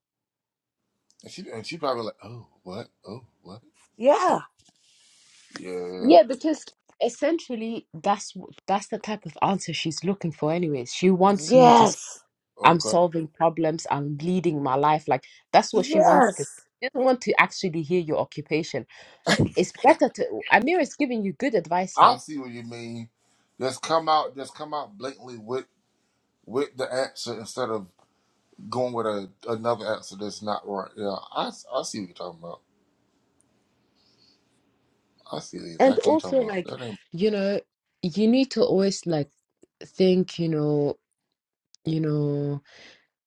and she and she probably like, oh, what, oh, what,
Yeah.
yeah,
yeah, because essentially that's wh- that's the type of answer she's looking for anyways. She wants you to
Yes.
i I'm
okay.
solving problems, I'm leading my life. Like that's what she wants to.
Yes.
She doesn't want to actually hear your occupation It's better to. Amir is giving you good advice
I
here.
see what you mean. Just come out, just come out blatantly with with the answer instead of going with a another answer that's not right. Yeah, I I see what you're talking about. I see
And
exactly what you're
also,
talking about.
like,
That ain't
you know, you need to always like think, you know, you know,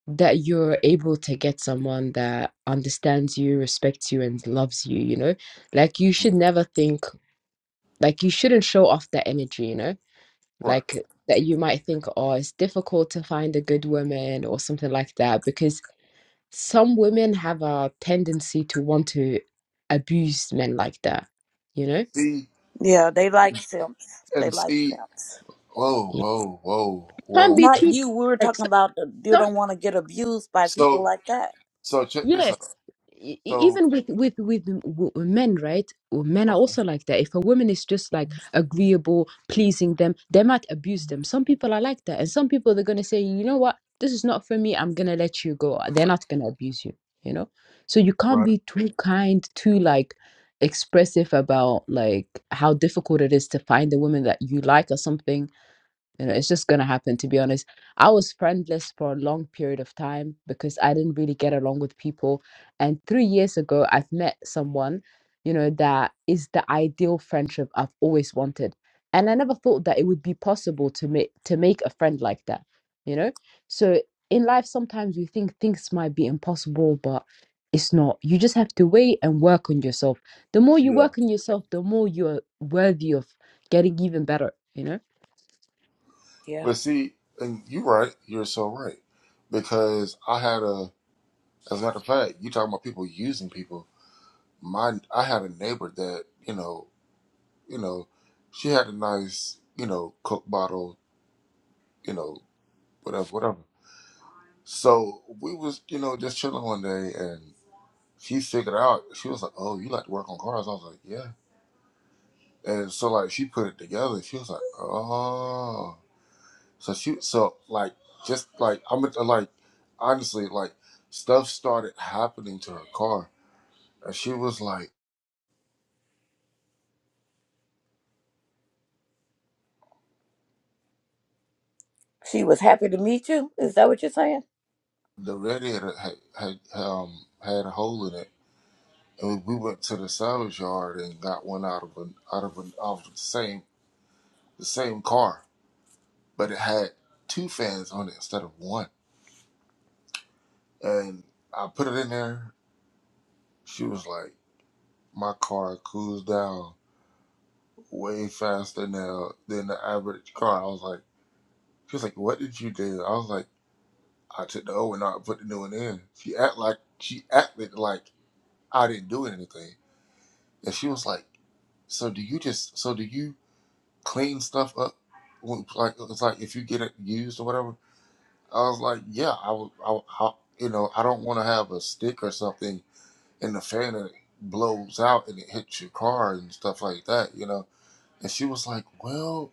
that you're able to get someone that understands you, respects you, and loves you, you know? Like you should
Mhm.
never think like you shouldn't show off that energy, you know?
right.
like that you might think, oh, it's difficult to find a good woman or something like that, because some women have a tendency to want to abuse men like that, you know?
See
Yeah, they like simps. They
and
like
see.
simps.
Whoa,
You
whoa, whoa,
can't
whoa.
be
Not
too
you. We were
like
talking about the, you
so-
don't want to get abused by people
So
like that.
so check this
yeah
out.
e- e-
So
even with with with m- w- men right Well, men are
okay,
also like that if a woman is just like agreeable pleasing them they might abuse them some people are like that and some people they're going to say you know what this is not for me i'm going to let you go they're not going to abuse you you know so you can't
right.
be too kind too like expressive about like how difficult it is to find a woman that you like or something you know, it's just gonna happen. To be honest, I was friendless for a long period of time because I didn't really get along with people. And three years ago, I've met someone, you know, that is the ideal friendship I've always wanted. And I never thought that it would be possible to make to make a friend like that. You know, so in life sometimes we think things might be impossible, but it's not. You just have to wait and work on yourself. The more you
yeah.
work on yourself, the more you're worthy of getting even better. You know
Yeah.
But see, and you're right. You're so right. Because I had a, as a matter of fact, you talking about people using people. My, I had a neighbor that you know, you know, she had a nice, you know, Coke bottle, you know, whatever, whatever. So we was, you know, just chilling one day, and she figured out. She was like, "Oh, you like to work on cars?" I was like, "Yeah." And so like she put it together. She was like, "Oh." So she, so like, just like I'm like, honestly, like stuff started happening to her car, and she was like,
She was happy to meet you. Is that what you're saying?
the radiator had had um had a hole in it, and we we went to the salvage yard and got one out of an out of an out of the same the same car, but it had two fans on it instead of one, and I put it in there. She was like, my car cools down way faster now than the average car. I was like. She was like, "What did you do?" I was like, "I took the old one out and put the new one in." She act like she acted like I didn't do anything, and she was like, "So do you just so do you clean stuff up? when- Like it's like if you get it used or whatever." I was like, "Yeah, I would. I, would- I you know I don't want to have a stick or something in the fan and it blows out and it hits your car and stuff like that, you know." And she was like, "Well,"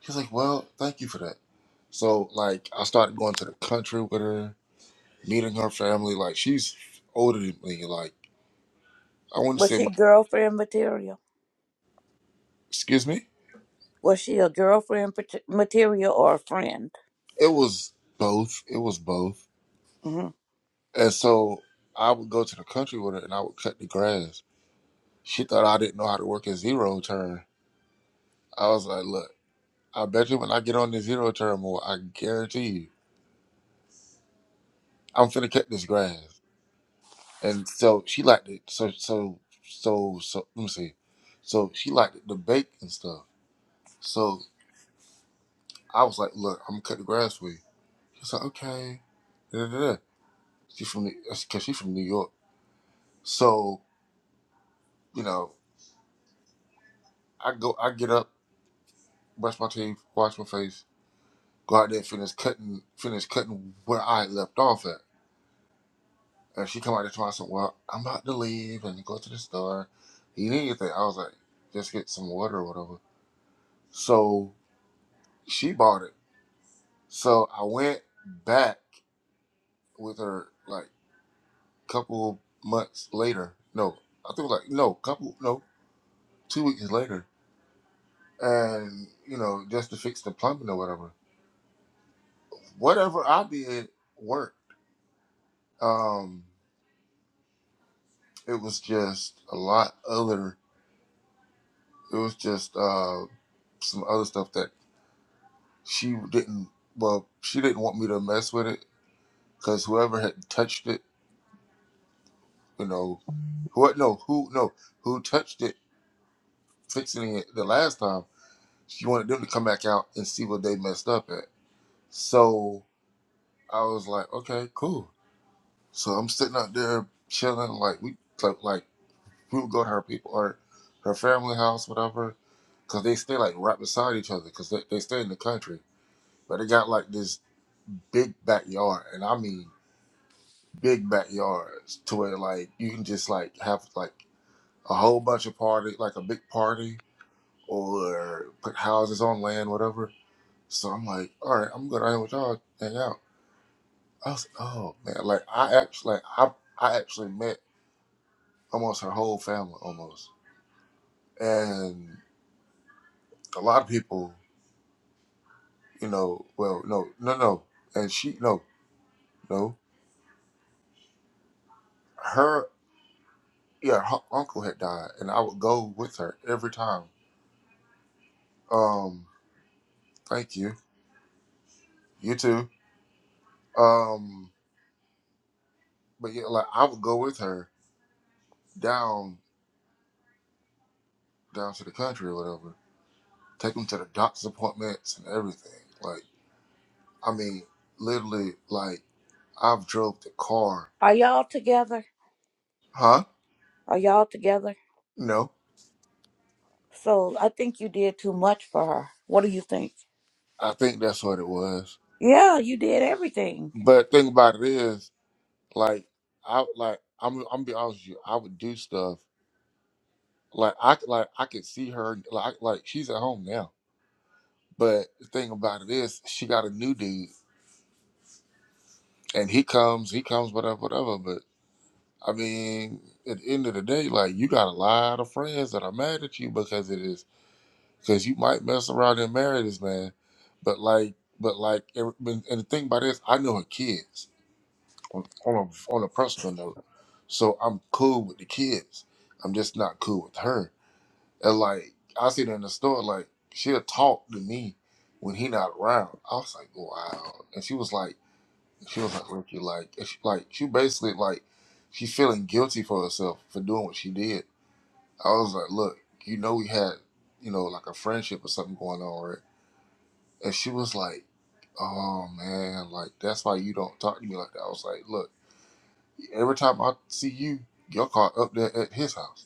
she was like, "Well, thank you for that." So like I started going to the country with her meeting her family. Like she's older than me. Like I wouldn't
Was
say,
she
about- like,
girlfriend material?
excuse me.
Was she a girlfriend pat- material or a friend?
It was both. It was both.
hmm
And so I would go to the country with her, and I would cut the grass. She thought I didn't know how to work a zero turn. I was like, look, I bet you when I get on this zero turn more, I guarantee you, I'm finna cut this grass. And so she liked it. So so so so. Let me see. So she liked it, the bake and stuff. So I was like, look, I'm gonna cut the grass for you. She's like, okay. Da, da, da. She from New- that's cause she's from New York. So, you know, I go I get up, brush my teeth, wash my face, go out there and finish cutting finish cutting where I had left off at. And she come out there twice and well, I'm about to leave and go to the store. You need anything. I was like, just get some water or whatever. So she bought it. So I went back with her like couple months later. No, I think it was like no, couple no, two weeks later and you know just to fix the plumbing or whatever whatever i did worked um it was just a lot other it was just uh some other stuff that she didn't well she didn't want me to mess with it because whoever had touched it you know who no who no who touched it fixing it the last time she wanted them to come back out and see what they messed up at so i was like okay cool so i'm sitting out there chilling like we like like We would go to her people or her family house, whatever, because they stay like right beside each other because they, they stay in the country. But they got like this big backyard, and I mean big backyards to where like you can just like have like a whole bunch of party, like a big party, or put houses on land, whatever. So I'm like, all right, I'm gonna go down with y'all, hang out. I was like, oh man, like I actually, like, I I actually met almost her whole family, almost, and a lot of people. you know, well, no, no, no. And she, no, no. Her, yeah, her uncle had died, and I would go with her every time. Um, thank you. You too. Um, but yeah, like I would go with her down, down to the country or whatever. Take them to the doctor's appointments and everything. Like, I mean, literally, like I've drove the car.
Are y'all together?
Huh?
Are y'all together?
No,
So I think you did too much for her. What do you think?
I think that's what it was.
Yeah, you did everything.
But thing about it is. Like I like I'm I'm be honest with you, I would do stuff like I c- like I could see her like like she's at home now. But the thing about it is she got a new dude and he comes, he comes whatever whatever. But I mean, at the end of the day, like you got a lot of friends that are mad at you because it is because you might mess around and marry this man. But like but like every- and the thing about this, I know her kids on on a, on a personal note. So I'm cool with the kids. I'm just not cool with her. And like I see it in the store, like she'll talk to me when he not around. I was like, wow. And she was like, she was like, Ricky, like, and she, like she basically like she feeling guilty for herself for doing what she did. I was like, look, you know we had, you know, like a friendship or something going on, right? And she was like, oh man, like that's why you don't talk to me like that. I was like, look, every time I see you, you're caught up there at his house.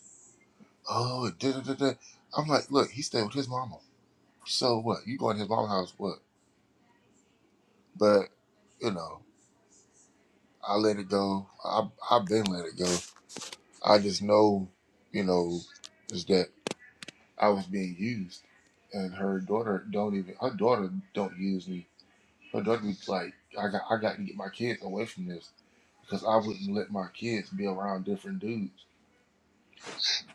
Oh, da da da. da." I'm like, look, he stayed with his mama. So what? You going to his mama house? What? But you know, I let it go. I I've been let it go. I just know, you know, is that I was being used, and her daughter don't even her daughter don't use me. Her daughter be like, I got I got to get my kids away from this because I wouldn't let my kids be around different dudes.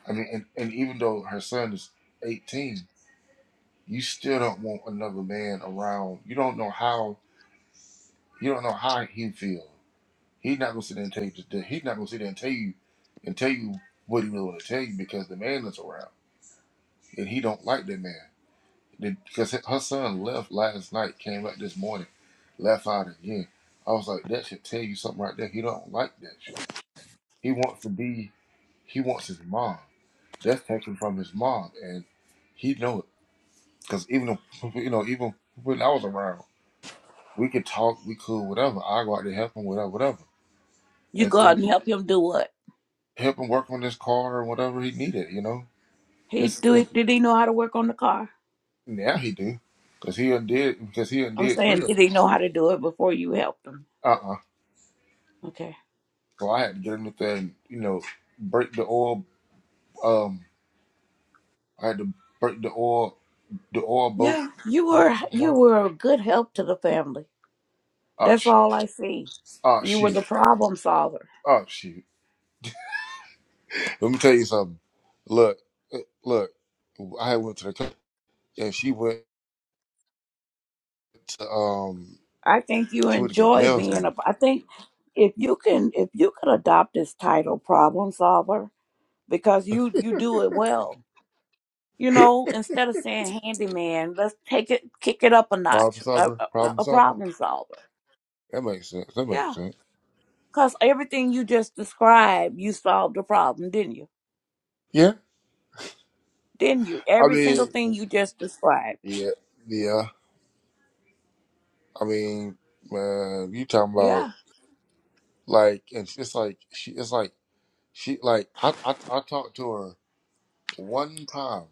I mean, and, and even though her son is eighteen, you still don't want another man around. You don't know how you don't know how he feels. He's not gonna sit there and tell you. To, he's not gonna sit there and tell you, and tell you what he really want to tell you because the man is around and he don't like that man. Then- Because her son left last night, came back this morning, left out again. I was like, that should tell you something right there. He don't like that shit. He wants to be. He wants his mom. That's taken from his mom, and he know it. Because even though, <laughs> you know, even when I was around, we could talk, we could whatever. I go out there help him, whatever, whatever.
You
and
go
three
out and help him do what?
help him work on his car or whatever he needed. You know,
He
his
do
and
it. Did he know how to work on the car?
now he do because he undid because he
I'm
undid
saying,
three of
did
them.
he know how to do it before you helped him?
Uh uh
Okay.
So I had to get him up there and You know, break the oil. Um, I had to break the oil the oil boat.
Yeah, you
for
were
him, You
you
know?
were a good help to the family.
Oh
That's
shoot!
all I see.
Oh
You were the
shoot!
problem solver.
Oh shoot! Let me tell you something. Look, uh, look. I had went to the co- and she went to um
I think you
she went to get her
enjoy
nails
being
done.
a. I think if you can if you could adopt this title, problem solver, because you you do it well you know, instead of saying handyman, let's take it, kick it up a
Problem
notch, a,
solver.
a,
Problem
a
solver.
problem solver.
That makes sense. That makes
Yeah.
sense.
Because everything you just described, you solved the problem, didn't you?
Yeah.
Didn't you?
I
Every single
mean.
thing you just described.
Yeah, yeah. I mean, man, you talking about
Yeah.
like, and it's like she, it's like she, like I, I, I talked to her one time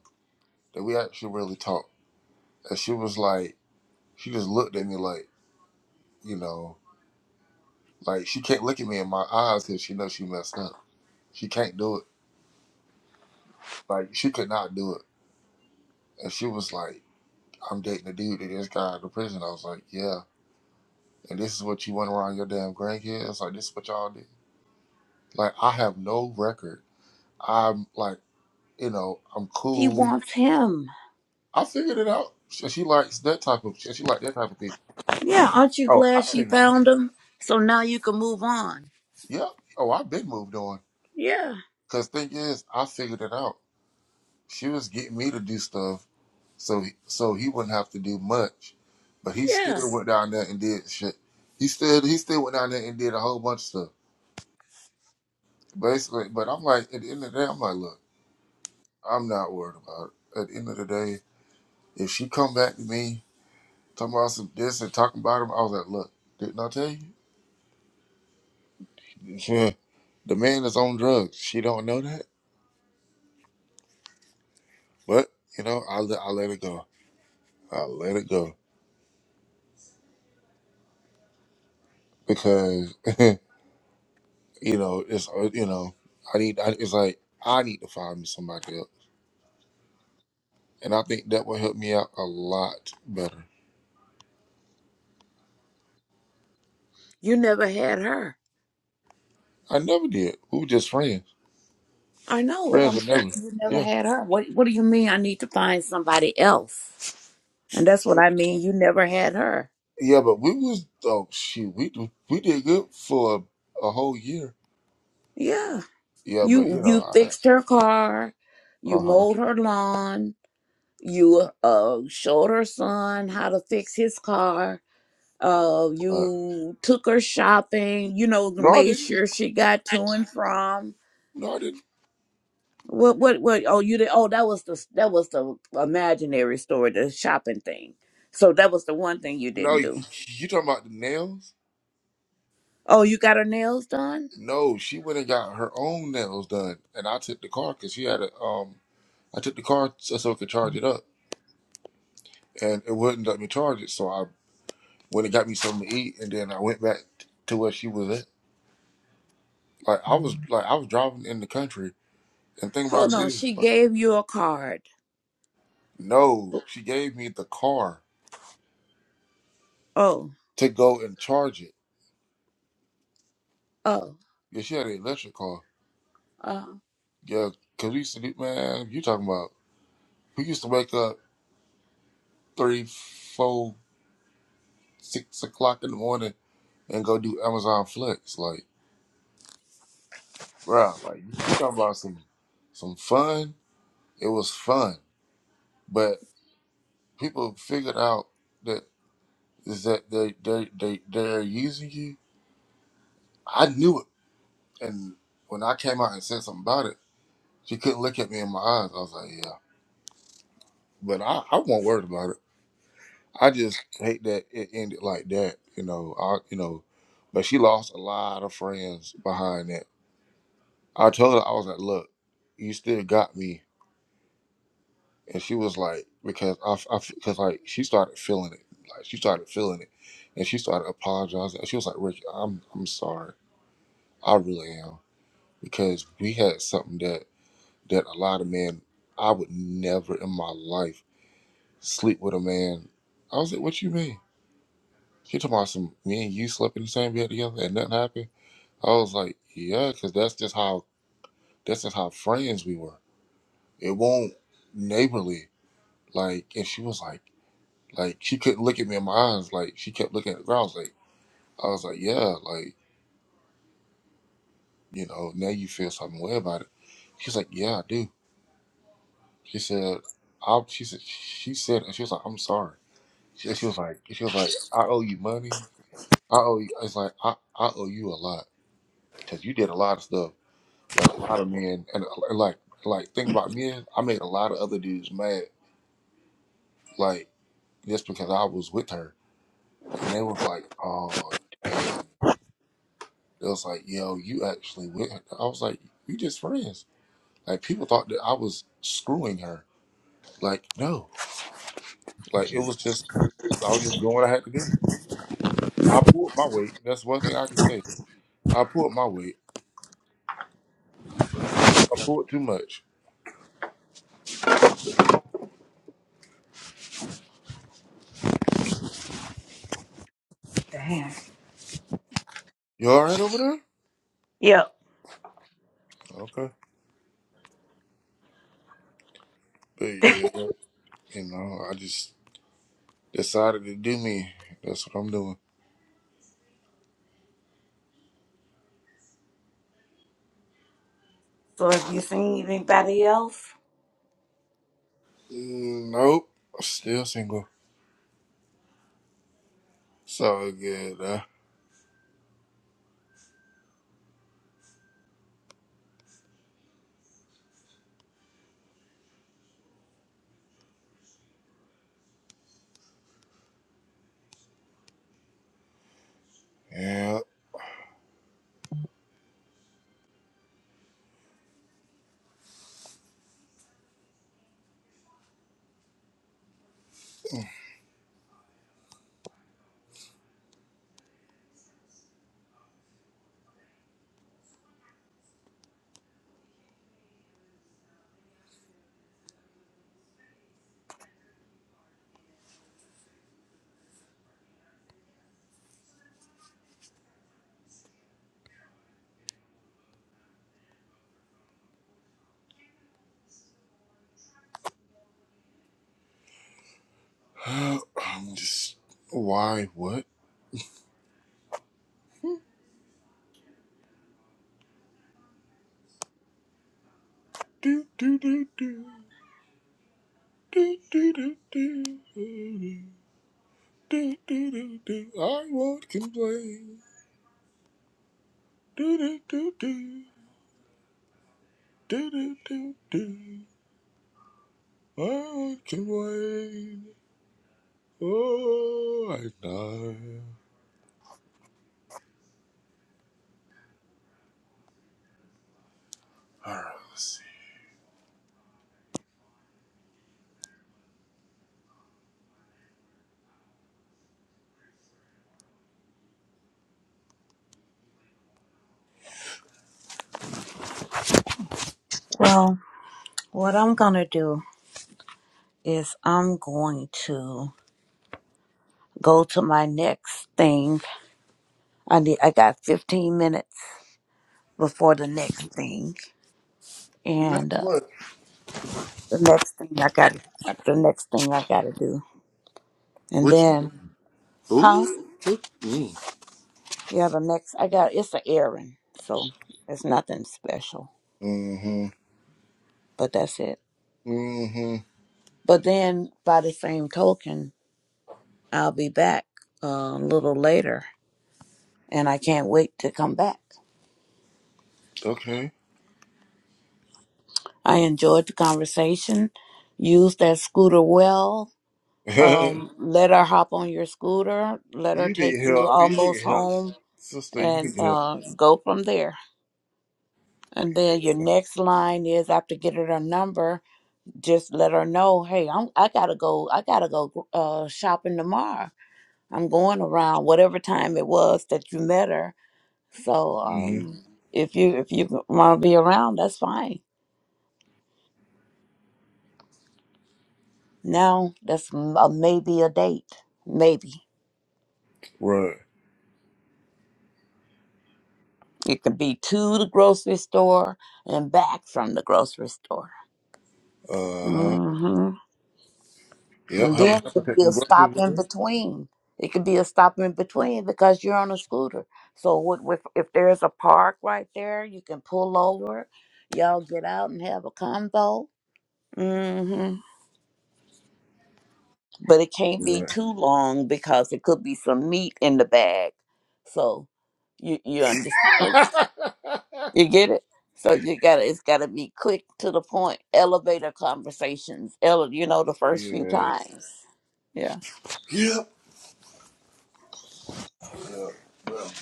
that we actually really talked, and she was like, she just looked at me like, you know, like she can't look at me in my eyes because she knows she messed up. She can't do it. Like she could not do it, and she was like, I'm dating a dude that just got out of prison. I was like, yeah, and this is what you went around your damn grandkids. Like this is what y'all did. Like I have no record. I'm like. you know, I'm
She
cool.
wants him.
I figured it out. She, she likes that type of she, she like that type of people.
Yeah. Aren't you
Oh,
glad
I
she
figured it out.
found him? So now you can move on.
Yep. Oh, I've been moved on.
Yeah.
Cause thing is, I figured it out. She was getting me to do stuff so he- so he wouldn't have to do much, but he
Yeah.
still went down there and did shit. He still he still went down there and did a whole bunch of stuff. Basically, but I'm like at the end of the day, I'm like, look, I'm not worried about it. At the end of the day, if she come back to me talking about some this and talking about him, I was like, look, didn't I tell you? <laughs> Yeah, the man is on drugs. She don't know that, but you know, I let I let it go. I let it go because <laughs> you know it's uh, you know I need I, it's like I need to find me somebody else, and I think that will help me out a lot better.
You never had her.
I never did. We were just friends.
I know it.
Friends
I'm
with
saying
never.
you never
Yeah,
had her. What What do you mean? I need to find somebody else. And that's what I mean. You never had her.
yeah, but we was oh shoot, we we did good for a, a whole year.
Yeah
Yeah, but
You
you know,
you
I,
fixed her car, you
uh-huh.
mowed her lawn, you uh showed her son how to fix his car. Uh,
uh
you took her shopping. You know,
No, I
made
didn't.
sure she got to and from.
No, I didn't.
What what what? Oh, you did. Oh, that was the that was the imaginary story, the shopping thing. So that was the one thing you
No,
didn't
you,
do.
you talking about the nails?
Oh, you got her nails done.
No, she went and got her own nails done, and I took the car because she had a um. I took the car so so I could charge it up, and it wouldn't let me charge it. So I went and got me something to eat, and then I went back to where she was at. Like I was like I was driving in the country, and think
Hold
about it
on,
is,
she
like,
gave you a card.
no, she gave me the car
Oh
to go and charge it.
oh
Yeah, she had an electric car.
oh.
Yeah, cause we used to do man. You talking about we used to wake up three, four, six o'clock in the morning and go do Amazon Flex like. bro. Like you talking about some some fun. It was fun, but people figured out that is that they they they they're using you. I knew it, and when I came out and said something about it, she couldn't look at me in my eyes. I was like, yeah, but I I won't worry about it. I just hate that it ended like that. You know, I you know, but she lost a lot of friends behind that. I told her I was like, look, you still got me and she was like, because I, I, because like she started feeling it, like she started feeling it, and she started apologizing. And she was like, Rick, I'm, I'm sorry, I really am, because we had something that that a lot of men, I would never in my life sleep with a man. I was like, what you mean? She talking about some me and you slept in the same bed together and nothing happened. I was like, yeah, because that's just how that's just how friends we were. It won't neighborly. Like, and she was like. Like she couldn't look at me in my eyes. Like she kept looking at the ground. I was like, I was like, yeah, like you know, now you feel something way about it. She's like, yeah, I do. She said, I. She said, she said, and she was like, I'm sorry. She, she was like, she was like, I owe you money. I owe you. It's like I, I owe you a lot because you did a lot of stuff that a lot of men and uh, like like think about men. I made a lot of other dudes mad. Like just because I was with her, and they was like, oh dang. It was like, yo, you actually went. I was like, we just friends. Like people thought that I was screwing her. Like no, like it was just I was just doing what I had to do. I pulled my weight. That's one thing I can say. I pulled my weight, and I think I pulled too much.
Damn.
You all right over there? Okay, but yeah, you know, I just decided to do me. That's what I'm doing.
So have you seen anybody else?
Mm, Nope, I'm still single. So good. Uh, yeah, <sighs> I'm just why what? Do do do do do do do do do do do do. I won't complain. Do do do do do do do do. I won't complain. Oh, I know. All right, let's see.
Well, what I'm going to do is I'm going to go to my next thing. I need I got 15 minutes before the next thing
And
and
that's
uh,
what.
the next thing I got to the next thing I got to do. And
What you?
then
do?
huh?
Ooh. What? Mm.
Yeah, the next I got it's an errand. So it's nothing special,
Mm-hmm.
but that's it.
Mm-hmm.
But then by the same token, I'll be back uh, a little later and I can't wait to come back.
Okay.
I enjoyed the conversation. Use that scooter well.
<laughs> you
Um, let her hop on your scooter. Let her
need
take you
help. You
almost
need help,
home
sister. You
and
need help.
uh, go from there. And then your next line is after getting her number, just let her know, hey, I'm, I gotta go. I gotta go uh, shopping tomorrow. I'm going around whatever time it was that you met her. So
Mm-hmm.
um, if you if you want to be around, that's fine. Now that's m- a maybe a date, maybe.
Right.
It could be to the grocery store and back from the grocery store.
Uh huh.
hmm
Yep,
And
have a
then it
have a
could be a
taking groceries
stop in
with
between. It could be a stop in between because you're on a scooter. So what, if, if there's a park right there, you can pull over. Y'all get out and have a convo. hmm But it can't be
you.
too long because it could be some meat in the bag. So you you understand?
Right.
You get it? So you gotta it's gotta be quick to the point, elevator conversations. Ele- you know, the
<laughs>
first few
yes.
times. Yeah.
Yep.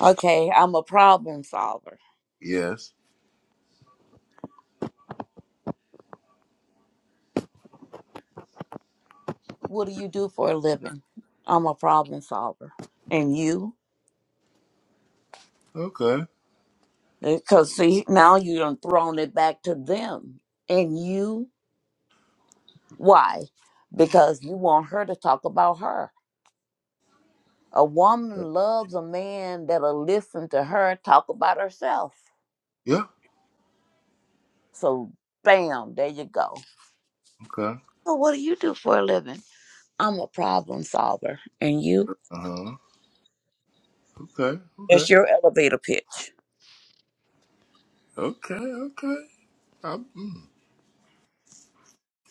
Okay, I'm a problem solver.
Yes.
What do you do for a living? I'm a problem solver. And you?
Okay.
Because see, now you done thrown it back to them. And you? Why? Because you want her to talk about her. A woman
Right.
loves a man that'll listen to her talk about herself.
Yeah.
So, bam, there you go.
Okay.
So what do you do for a living? I'm a problem solver. And you?
Uh huh. Okay.
That's
Okay.
your elevator pitch.
Okay. Okay. I, mm. I'm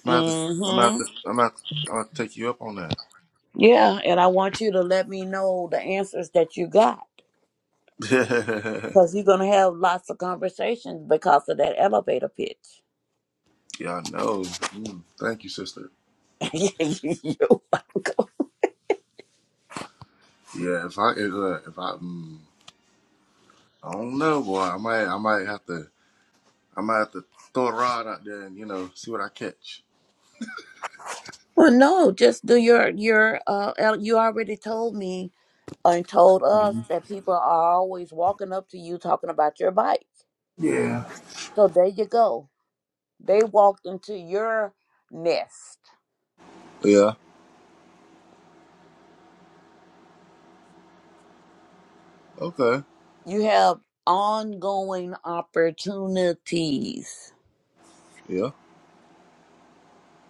gonna have to. I'm gonna have
Mm-hmm.
to. I'm gonna have to, I'm gonna take you up on that.
Yeah, and I want you to let me know the answers that you got.
<laughs>
Because you're gonna have lots of conversations because of that elevator pitch.
yeah, I know. Mm. Thank you, sister.
<laughs> You're welcome.
Yeah. If I if, uh, if I mm, I don't know, boy. I might. I might have to. I might have to throw a rod out there and you know see what I catch.
Well, no, just do your your. Uh, el- you already told me and told us
Mhm.
that people are always walking up to you talking about your bike.
Yeah.
So there you go. They walked into your nest
Yeah. Okay.
you have ongoing opportunities
Yeah.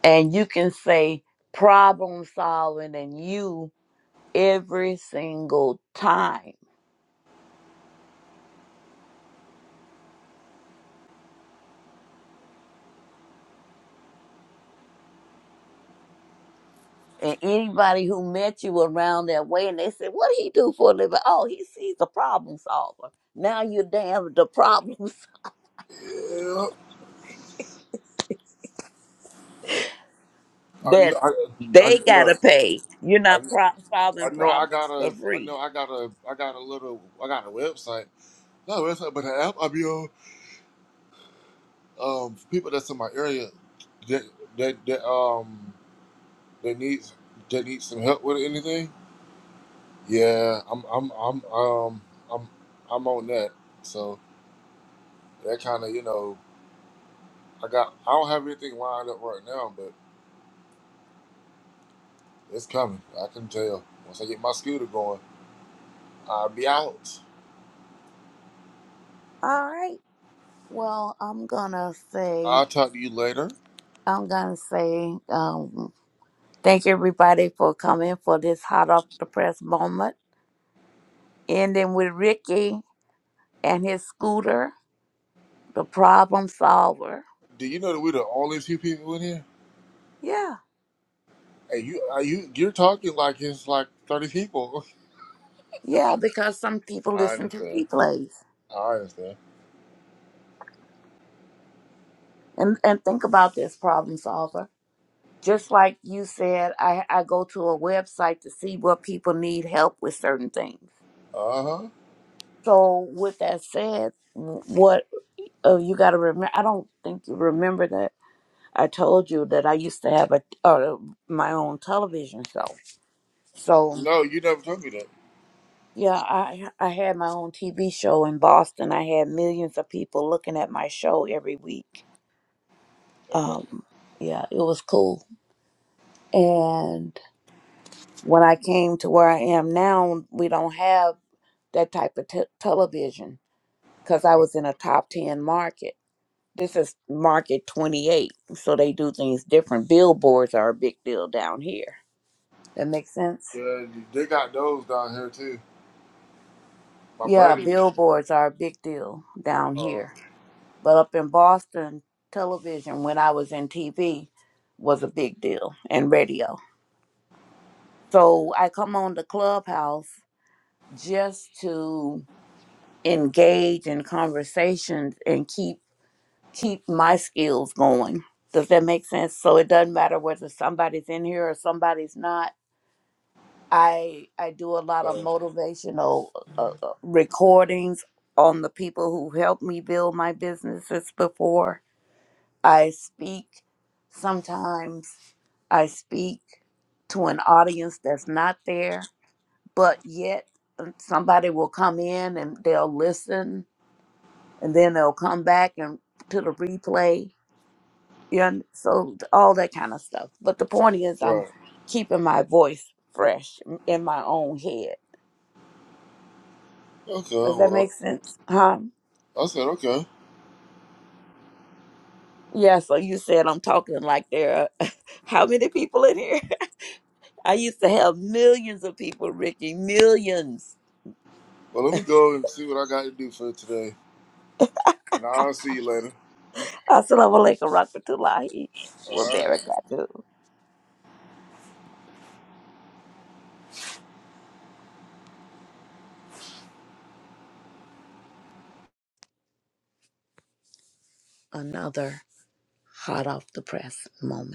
and you can say problem solving and you every single time and anybody who met you around that way and they said what do he do for a living oh he sees a problem solver now you're damn the problems
Yeah,
<laughs>
I,
that
I, I
they
look.
gotta pay you're
I,
not pro-
I
solving
know I got
problems for
a I
free
know I got a I got a little I got a website not a website but an app I be on um for people that's in my area that that that um that needs that needs some help with anything yeah I'm I'm I'm um I'm I'm on that so that kind of you know I got I don't have anything lined up right now but it's coming I can tell once I get my scooter going I'll be out
all right well i'm gonna say
I'll talk to you later.
i'm gonna say um, Thank everybody for coming for this hot off the press moment. Ending with Ricky and his scooter, the problem solver.
Do you know that we're the only few people in here?
Yeah,
Hey, you, are you, you're talking like it's like thirty people.
yeah, because some people
<laughs> I
listen to
understand.
replays
I understand.
and and think about this problem solver. Just like you said, I, I go to a website to see what people need help with certain things.
Uh huh.
So with that said, what oh, you got to remember? I don't think you remember that I told you that I used to have a, uh, my own television show So
No, you never told me that.
yeah, I I had my own TV show in Boston. I had millions of people looking at my show every week.
Okay.
Um, yeah, it was cool. And when I came to where I am now, we don't have that type of te- television because I was in a top ten market. This is market twenty eight, so they do things different. Billboards are a big deal down here. That makes sense.
Yeah, they got those down here too. My
Yeah,
buddy.
billboards are a big deal down
Uh,
here but up in Boston, television when I was in TV was a big deal and radio. So I come on the clubhouse just to engage in conversations and keep keep my skills going. Does that make sense? So it doesn't matter whether somebody's in here or somebody's not. I I do a lot of
uh,
motivational uh, uh, recordings on the people who helped me build my businesses before I speak. Sometimes I speak to an audience that's not there, but yet uh, somebody will come in and they'll listen and then they'll come back and to the replay. Yeah, and so th- all that kind of stuff. But the point is, I'm
right.
keeping my voice fresh m- in my own head.
Okay.
Does that
Well,
make sense? Huh?
I said okay.
Yeah, so you said I'm talking like there are <laughs> how many people in here? I used to have millions of people, Ricky, millions.
Well, let me go and see what I got to do for today, and I'll see you later.
Assalamu alaikum warahmatullahi
All right.
wabarakatuh. Another hot off the press moment.